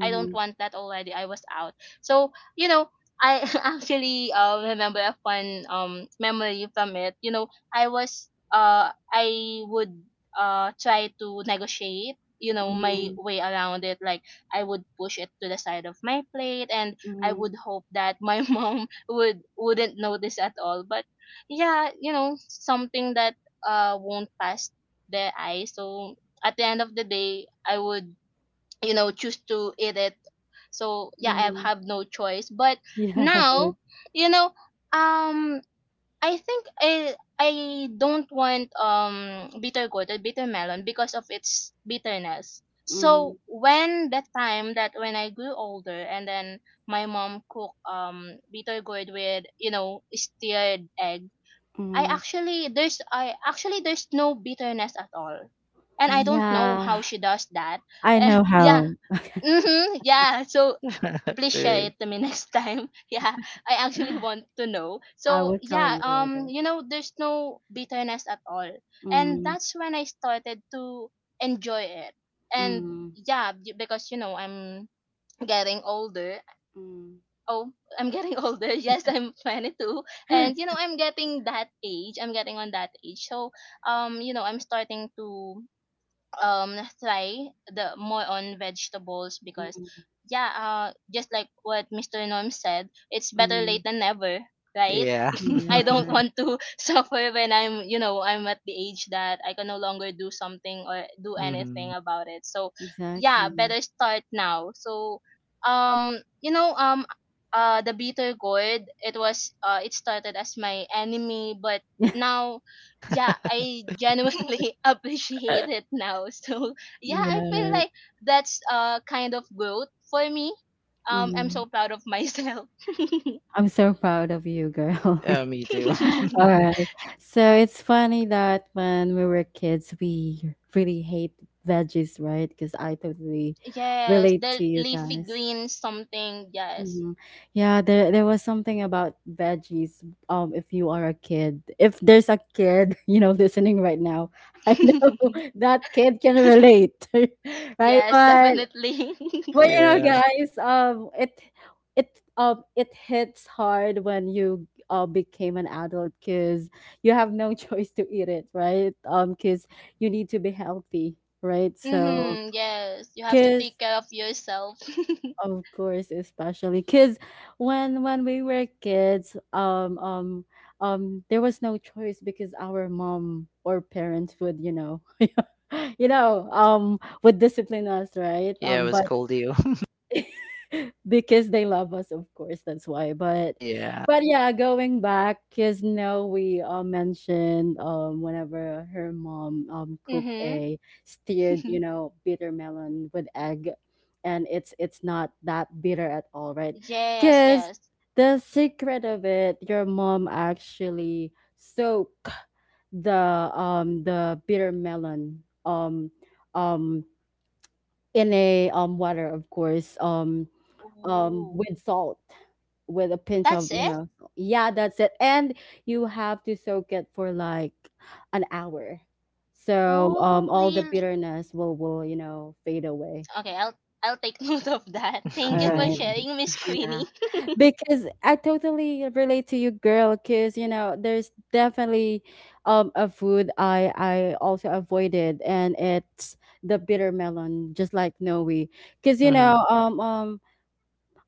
[SPEAKER 3] I don't want that already. I was out. So, you know, I actually remember a fun memory from it. You know, I was I would try to negotiate, you know, my
[SPEAKER 1] Mm-hmm.
[SPEAKER 3] way around it. Like I would push it to the side of my plate, and I
[SPEAKER 1] Mm-hmm.
[SPEAKER 3] would hope that my mom would wouldn't notice at all. But yeah, you know, something that won't pass their eyes. So at the end of the day, I would you know choose to eat it. So yeah, I
[SPEAKER 1] Mm-hmm.
[SPEAKER 3] have no choice. But
[SPEAKER 1] Yeah.
[SPEAKER 3] now, you know, um, I think I don't want bitter gourd or bitter melon because of its bitterness.
[SPEAKER 1] Mm-hmm.
[SPEAKER 3] So when that time that when I grew older, and then my mom cooked bitter gourd with you know stirred egg,
[SPEAKER 1] Mm-hmm.
[SPEAKER 3] I actually there's no bitterness at all. And I don't know
[SPEAKER 1] Yeah.
[SPEAKER 3] how she does that.
[SPEAKER 1] I
[SPEAKER 3] And
[SPEAKER 1] know
[SPEAKER 3] yeah.
[SPEAKER 1] how.
[SPEAKER 3] Mhm. Yeah. So please share
[SPEAKER 2] Really.
[SPEAKER 3] it to me next time. Yeah. I actually want to know.
[SPEAKER 1] I
[SPEAKER 3] So
[SPEAKER 1] will tell
[SPEAKER 3] yeah,
[SPEAKER 1] you later.
[SPEAKER 3] you know there's no bitterness at all. And
[SPEAKER 1] Mm-hmm.
[SPEAKER 3] that's when I started to enjoy it. And
[SPEAKER 1] Mm-hmm.
[SPEAKER 3] yeah, because you know I'm getting older. Oh, I'm getting older. Yes, I'm 22. And you
[SPEAKER 1] Mm-hmm.
[SPEAKER 3] know, I'm getting that age. I'm getting on that age. So, you know, I'm starting to try the more on vegetables, because yeah, just like what Mr. Norm said, it's better late than never, right?
[SPEAKER 2] Yeah.
[SPEAKER 1] Yeah,
[SPEAKER 3] I don't want to suffer when I'm you know I'm at the age that I can no longer do something or do anything
[SPEAKER 2] Hmm.
[SPEAKER 3] about it. So yeah,
[SPEAKER 1] exactly.
[SPEAKER 3] better start now. So um you know um the bitter gourd, it was it started as my enemy, but now yeah, I genuinely appreciate it now. So yeah, I feel
[SPEAKER 1] Yeah.
[SPEAKER 3] like that's kind of growth for me. I'm
[SPEAKER 1] Mm.
[SPEAKER 3] so proud of myself.
[SPEAKER 1] I'm so proud of you, girl.
[SPEAKER 2] Yeah, me too.
[SPEAKER 1] All right. So it's funny that when we were kids, we really hate veggies, right? Because I totally
[SPEAKER 3] Yes,
[SPEAKER 1] relate to
[SPEAKER 3] the
[SPEAKER 1] you
[SPEAKER 3] leafy
[SPEAKER 1] guys.
[SPEAKER 3] green something. Yes.
[SPEAKER 1] Hmm. Yeah, there was something about veggies. If you are a kid, if there's a kid, you know, listening right now, I know that kid can relate, right?
[SPEAKER 3] Yes,
[SPEAKER 1] But
[SPEAKER 3] definitely.
[SPEAKER 1] well, you know,
[SPEAKER 2] Yeah.
[SPEAKER 1] guys, it hits hard when you became an adult because you have no choice to eat it, right? Because you need to be healthy, right? So,
[SPEAKER 3] Mhm. Yes, you have to take
[SPEAKER 1] because
[SPEAKER 3] care of yourself.
[SPEAKER 1] of course, especially because when we were kids, there was no choice because our mom or parents would, you know, you know, would discipline us, right?
[SPEAKER 2] Yeah, it was
[SPEAKER 1] But
[SPEAKER 2] cold you.
[SPEAKER 1] because they love us of course that's why
[SPEAKER 2] Yeah.
[SPEAKER 1] but yeah going back because now we mentioned whenever her mom cooked
[SPEAKER 3] Mhm.
[SPEAKER 1] a steered you know bitter melon with egg and it's not that bitter at all right
[SPEAKER 3] Yes,
[SPEAKER 1] because
[SPEAKER 3] yes.
[SPEAKER 1] the secret of it your mom actually soak the the bitter melon um in a water of course
[SPEAKER 3] Ooh,
[SPEAKER 1] with salt with a pinch of
[SPEAKER 3] that's
[SPEAKER 1] you
[SPEAKER 3] it.
[SPEAKER 1] know yeah that's it and you have to soak it for like an hour so
[SPEAKER 3] Oh,
[SPEAKER 1] all the
[SPEAKER 3] really?
[SPEAKER 1] bitterness will you know fade away.
[SPEAKER 3] Okay, I'll take note of that.
[SPEAKER 1] All
[SPEAKER 3] Thank you for
[SPEAKER 1] right,
[SPEAKER 3] sharing, Miss
[SPEAKER 1] yeah,
[SPEAKER 3] Queenie.
[SPEAKER 1] because I totally relate to you, girl, because you know there's definitely a food I also avoided and it's the bitter melon just like Noe because you
[SPEAKER 2] Mm-hmm.
[SPEAKER 1] know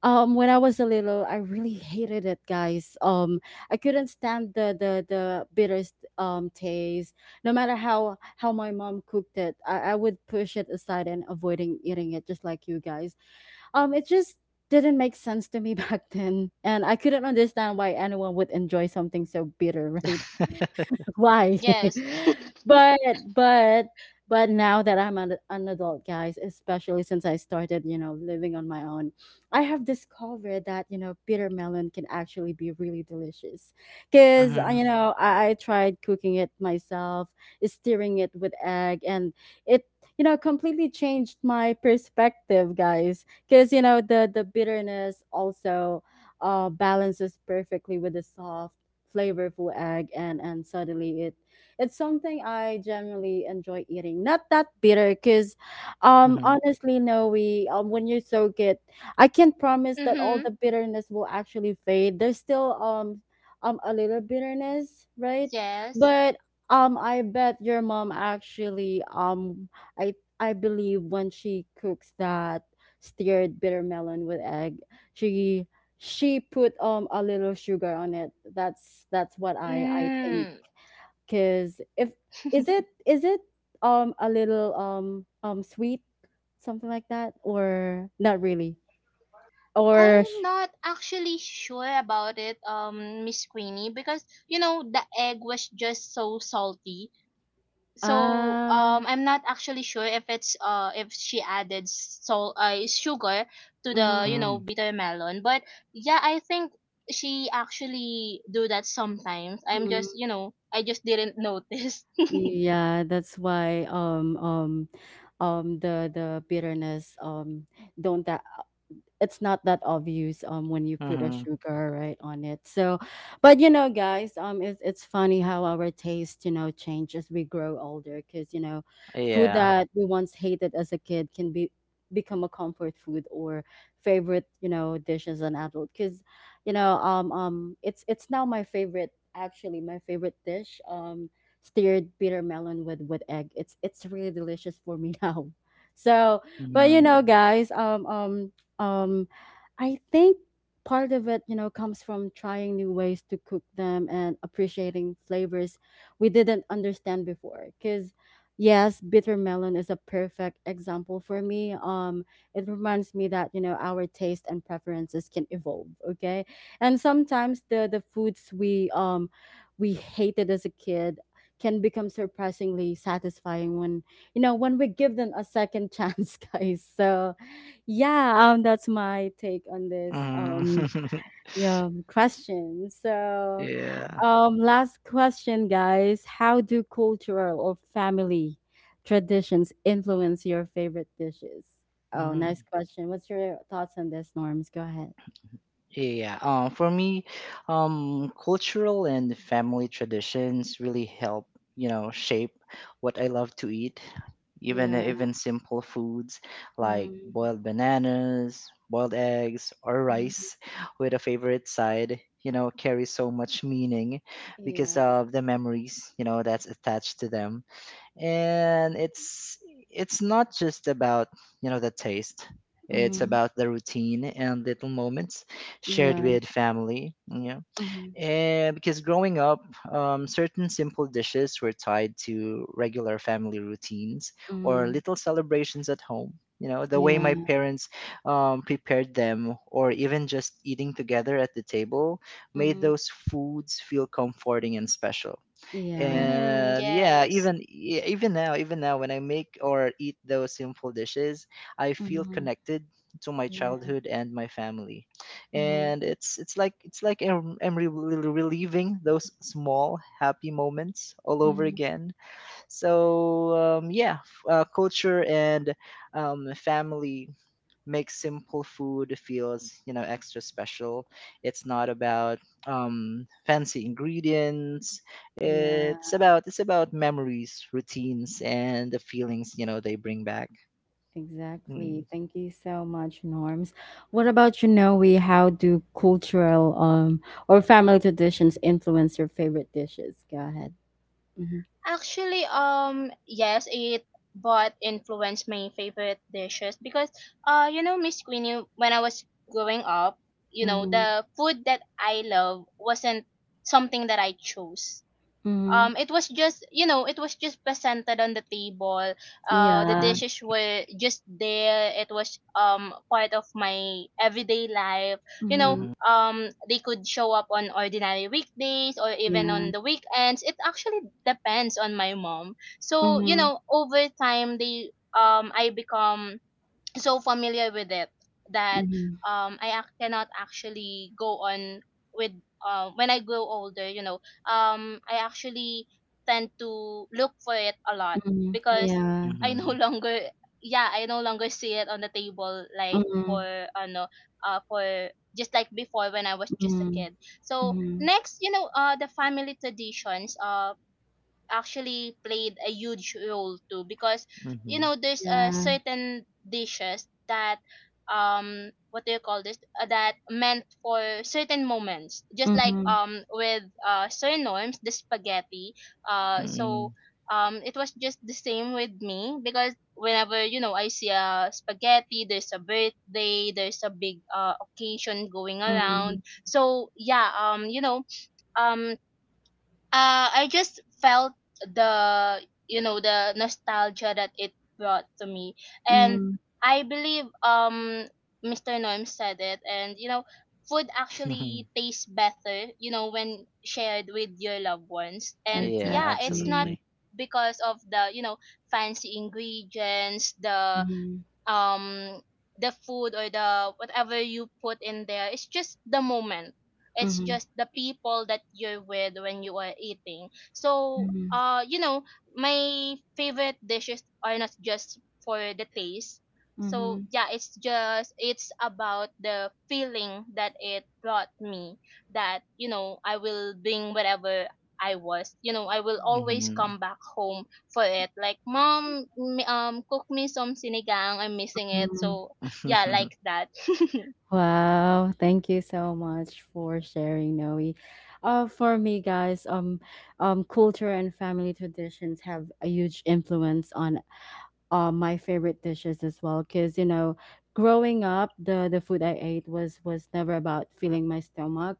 [SPEAKER 1] um, when I was a little, I really hated it, guys. I couldn't stand the the bitter taste. No matter how my mom cooked it, I would push it aside and avoiding eating it, just like you guys. It just didn't make sense to me back then, and I couldn't understand why anyone would enjoy something so bitter, right? Why?
[SPEAKER 3] Yes.
[SPEAKER 1] but but but now that I'm an adult, guys, especially since I started, you know, living on my own, I have discovered that you know bitter melon can actually be really delicious. Cause
[SPEAKER 2] Mm-hmm.
[SPEAKER 1] you know I tried cooking it myself, stirring it with egg, and it you know completely changed my perspective, guys. Cause you know the bitterness also balances perfectly with the soft flavorful egg and suddenly it it's something I generally enjoy eating. Not that bitter cuz
[SPEAKER 2] Mm-hmm.
[SPEAKER 1] honestly no we when you soak it I can't promise that all
[SPEAKER 3] Mhm.
[SPEAKER 1] the bitterness will actually fade. There's still a little bitterness, right?
[SPEAKER 3] Yes.
[SPEAKER 1] But I bet your mom actually I believe when she cooks that steered bitter melon with egg, she she put, a little sugar on it. That's what I think.
[SPEAKER 3] Mm.
[SPEAKER 1] Cause if is it, a little, sweet, something like that, or not really? Or
[SPEAKER 3] I'm not actually sure about it, Miss Queenie, because you know the egg was just so salty. So
[SPEAKER 1] ah,
[SPEAKER 3] I'm not actually sure if it's if she added salt, sugar, to the
[SPEAKER 1] mhm,
[SPEAKER 3] you know
[SPEAKER 2] Mm-hmm.
[SPEAKER 3] bitter melon. But yeah, I think she actually do that sometimes. I'm just
[SPEAKER 1] mhm.
[SPEAKER 3] you know I just didn't notice.
[SPEAKER 1] Yeah, that's why, the bitterness, don't that it's not that obvious when you put a
[SPEAKER 2] Mm-hmm.
[SPEAKER 1] sugar right on it so but you know guys it's funny how our taste you know change as we grow older because you know food
[SPEAKER 2] Yeah.
[SPEAKER 1] that we once hated as a kid can be become a comfort food or favorite you know dish as an adult because you know it's now my favorite actually my favorite dish steered bitter melon with egg it's really delicious for me now so but you
[SPEAKER 2] Mm-hmm.
[SPEAKER 1] know guys um, I think part of it, you know, comes from trying new ways to cook them and appreciating flavors we didn't understand before. Because, yes, bitter melon is a perfect example for me. It reminds me that you know our taste and preferences can evolve. Okay, and sometimes the foods we hated as a kid can become surprisingly satisfying when you know when we give them a second chance guys so yeah, that's my take on this
[SPEAKER 2] Mm-hmm.
[SPEAKER 1] yeah question. So,
[SPEAKER 2] Yeah.
[SPEAKER 1] last question, guys. How do cultural or family traditions influence your favorite dishes? Oh,
[SPEAKER 2] Mm-hmm.
[SPEAKER 1] nice question. What's your thoughts on this, Norms? Go ahead.
[SPEAKER 2] Yeah, for me, cultural and family traditions really help, you know, shape what I love to eat. Even
[SPEAKER 1] Yeah.
[SPEAKER 2] even simple foods like
[SPEAKER 1] Mm,
[SPEAKER 2] boiled bananas, boiled eggs, or
[SPEAKER 1] mm,
[SPEAKER 2] rice with a favorite side, you know, carry so much meaning because
[SPEAKER 1] yeah.
[SPEAKER 2] of the memories, you know, that's attached to them. And it's not just about, you know, the taste. It's
[SPEAKER 1] Mm,
[SPEAKER 2] about the routine and little moments shared
[SPEAKER 1] yeah.
[SPEAKER 2] with family, you know.
[SPEAKER 1] Mm,
[SPEAKER 2] And because growing up, certain simple dishes were tied to regular family routines or
[SPEAKER 1] mm,
[SPEAKER 2] little celebrations at home. You know, the way my
[SPEAKER 1] yeah.
[SPEAKER 2] parents prepared them, or even just eating together at the table, made
[SPEAKER 1] Mm,
[SPEAKER 2] those foods feel comforting and special.
[SPEAKER 1] yeah.
[SPEAKER 3] Mm-hmm,
[SPEAKER 2] And yeah,
[SPEAKER 3] yes,
[SPEAKER 2] even now when I make or eat those simple dishes, I feel
[SPEAKER 1] Mm,
[SPEAKER 2] connected to my
[SPEAKER 1] yeah.
[SPEAKER 2] childhood and my family.
[SPEAKER 1] Mm,
[SPEAKER 2] And it's like I'm re- re- reliving those small happy moments all over
[SPEAKER 1] mm,
[SPEAKER 2] again. So yeah, culture and family makes simple food feels, you know, extra special. It's not about fancy ingredients.
[SPEAKER 1] yeah.
[SPEAKER 2] It's about memories, routines, and the feelings, you know, they bring back. Mm-hmm.
[SPEAKER 1] Exactly. Thank you so much, Norms. What about you, Noe? How do cultural or family traditions influence your favorite dishes? Go ahead. Mm-hmm.
[SPEAKER 3] actually yes it but influenced my favorite dishes, because you know, Miss Queenie, when I was growing up, you know,
[SPEAKER 1] Mm-hmm.
[SPEAKER 3] the food that I love wasn't something that I chose.
[SPEAKER 1] Mm-hmm.
[SPEAKER 3] It was just you know it was just presented on the table. The
[SPEAKER 1] Yeah.
[SPEAKER 3] dishes were just there. It was part of my everyday life. You know,
[SPEAKER 1] Mm-hmm.
[SPEAKER 2] Hmm.
[SPEAKER 3] they could show up on ordinary weekdays or even
[SPEAKER 1] Yeah.
[SPEAKER 3] on the weekends. It actually depends on my mom. So you
[SPEAKER 1] Mm-hmm.
[SPEAKER 3] know over time they I become so familiar with it that
[SPEAKER 1] Mm-hmm.
[SPEAKER 3] cannot actually go on with when I grow older. You know, I actually tend to look for it a lot,
[SPEAKER 1] Mm-hmm.
[SPEAKER 3] because
[SPEAKER 1] Yeah.
[SPEAKER 3] I no
[SPEAKER 2] Hmm.
[SPEAKER 3] longer, yeah, I no longer see it on the table like
[SPEAKER 1] Mm-hmm.
[SPEAKER 3] for no, for just like before when I was just a
[SPEAKER 1] Mm-hmm.
[SPEAKER 3] kid. So
[SPEAKER 1] Mm-hmm.
[SPEAKER 3] next, you know, the family traditions. Actually played a huge role too, because you
[SPEAKER 2] Hmm.
[SPEAKER 3] know there's a
[SPEAKER 1] Yeah.
[SPEAKER 3] certain dishes that what do you call this, that meant for certain moments, just like
[SPEAKER 1] Mm-hmm.
[SPEAKER 3] with Sir Norm's the spaghetti.
[SPEAKER 2] Mm-hmm.
[SPEAKER 3] So it was just the same with me, because whenever you know I see a spaghetti, there's a birthday, there's a big occasion going
[SPEAKER 1] Mm-hmm.
[SPEAKER 3] around. So yeah, um I just felt the you know the nostalgia that it brought to me. And
[SPEAKER 1] Mm-hmm.
[SPEAKER 3] I believe Mr. Norm said it, and you know food actually tastes better you know when shared with your loved ones. And
[SPEAKER 2] Yeah,
[SPEAKER 3] yeah, it's not
[SPEAKER 1] Exactly.
[SPEAKER 2] absolutely.
[SPEAKER 3] because of the you know fancy ingredients,
[SPEAKER 1] Mm-hmm.
[SPEAKER 3] um the food or the whatever you put in there. It's just the moment, it's
[SPEAKER 1] Mm-hmm.
[SPEAKER 3] just the people that you're with when you are eating. So
[SPEAKER 1] Mm-hmm.
[SPEAKER 3] you know my favorite dishes are not just for the taste. So
[SPEAKER 1] Mm-hmm.
[SPEAKER 3] yeah, it's just it's about the feeling that it brought me, that you know I will bring whatever I was you know I will always
[SPEAKER 2] Mm-hmm.
[SPEAKER 3] come back home for it. Like, mom, cook me some sinigang. I'm missing it.
[SPEAKER 1] Mm-hmm.
[SPEAKER 3] So yeah, like that.
[SPEAKER 1] Wow, thank you so much for sharing, Noe. For me, guys, culture and family traditions have a huge influence on my favorite dishes as well. Cause you know, growing up, the food I ate was never about filling my stomach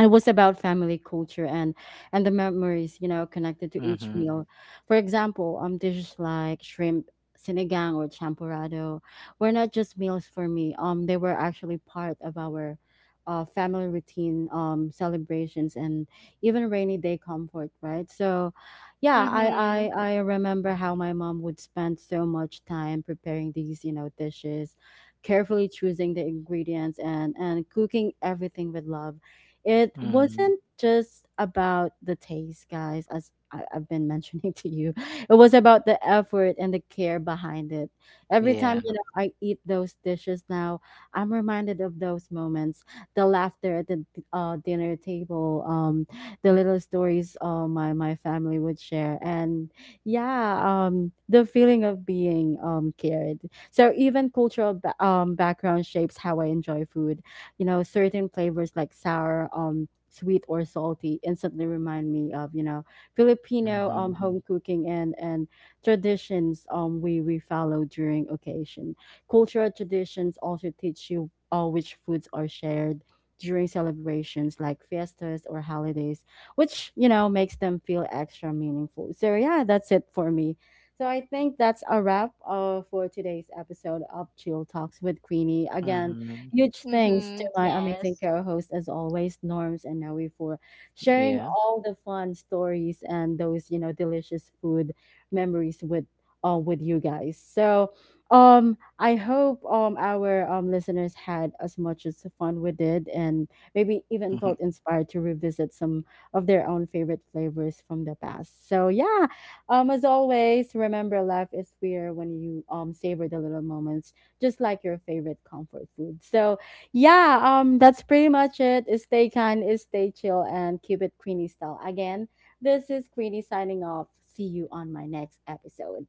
[SPEAKER 1] it was about family culture and the memories you know connected to each
[SPEAKER 2] Mm-hmm.
[SPEAKER 1] meal for example dishes like shrimp sinigang or champurrado were not just meals for me they were actually part of our family routine celebrations and even rainy day comfort right so yeah
[SPEAKER 3] Mhm.
[SPEAKER 1] I remember how my mom would spend so much time preparing these you know dishes carefully choosing the ingredients and cooking everything with love it
[SPEAKER 2] mm-hmm.
[SPEAKER 1] wasn't just about the taste, guys, as I've been mentioning to you. It was about the effort and the care behind it. Every time,
[SPEAKER 2] Yeah.
[SPEAKER 1] you know, I eat those dishes now, I'm reminded of those moments, the laughter at the dinner table, the little stories my family would share. And yeah, the feeling of being cared. So even cultural background shapes how I enjoy food you know certain flavors like sour sweet or salty instantly remind me of you know Filipino
[SPEAKER 2] Mm-hmm.
[SPEAKER 1] home cooking and traditions we follow during occasion cultural traditions also teach you all which foods are shared during celebrations like fiestas or holidays which you know makes them feel extra meaningful so yeah that's it for me so I think that's a wrap for today's episode of Chill Talks with Queenie again.
[SPEAKER 2] Mm-hmm.
[SPEAKER 1] Huge thanks to
[SPEAKER 3] Mhm.
[SPEAKER 1] my amazing
[SPEAKER 3] Yes.
[SPEAKER 1] co host, as always, Norms and Noe, for sharing
[SPEAKER 2] Yeah.
[SPEAKER 1] all the fun stories and those, you know, delicious food memories with. With you guys so I hope our listeners had as much as fun we did and maybe even felt inspired to revisit some of their own favorite flavors from the past so yeah as always remember life is weird when you savor the little moments just like your favorite comfort food. So, yeah, that's pretty much it. Stay kind, stay chill, and keep it Queenie style. Again, this is Queenie signing off. See you on my next episode.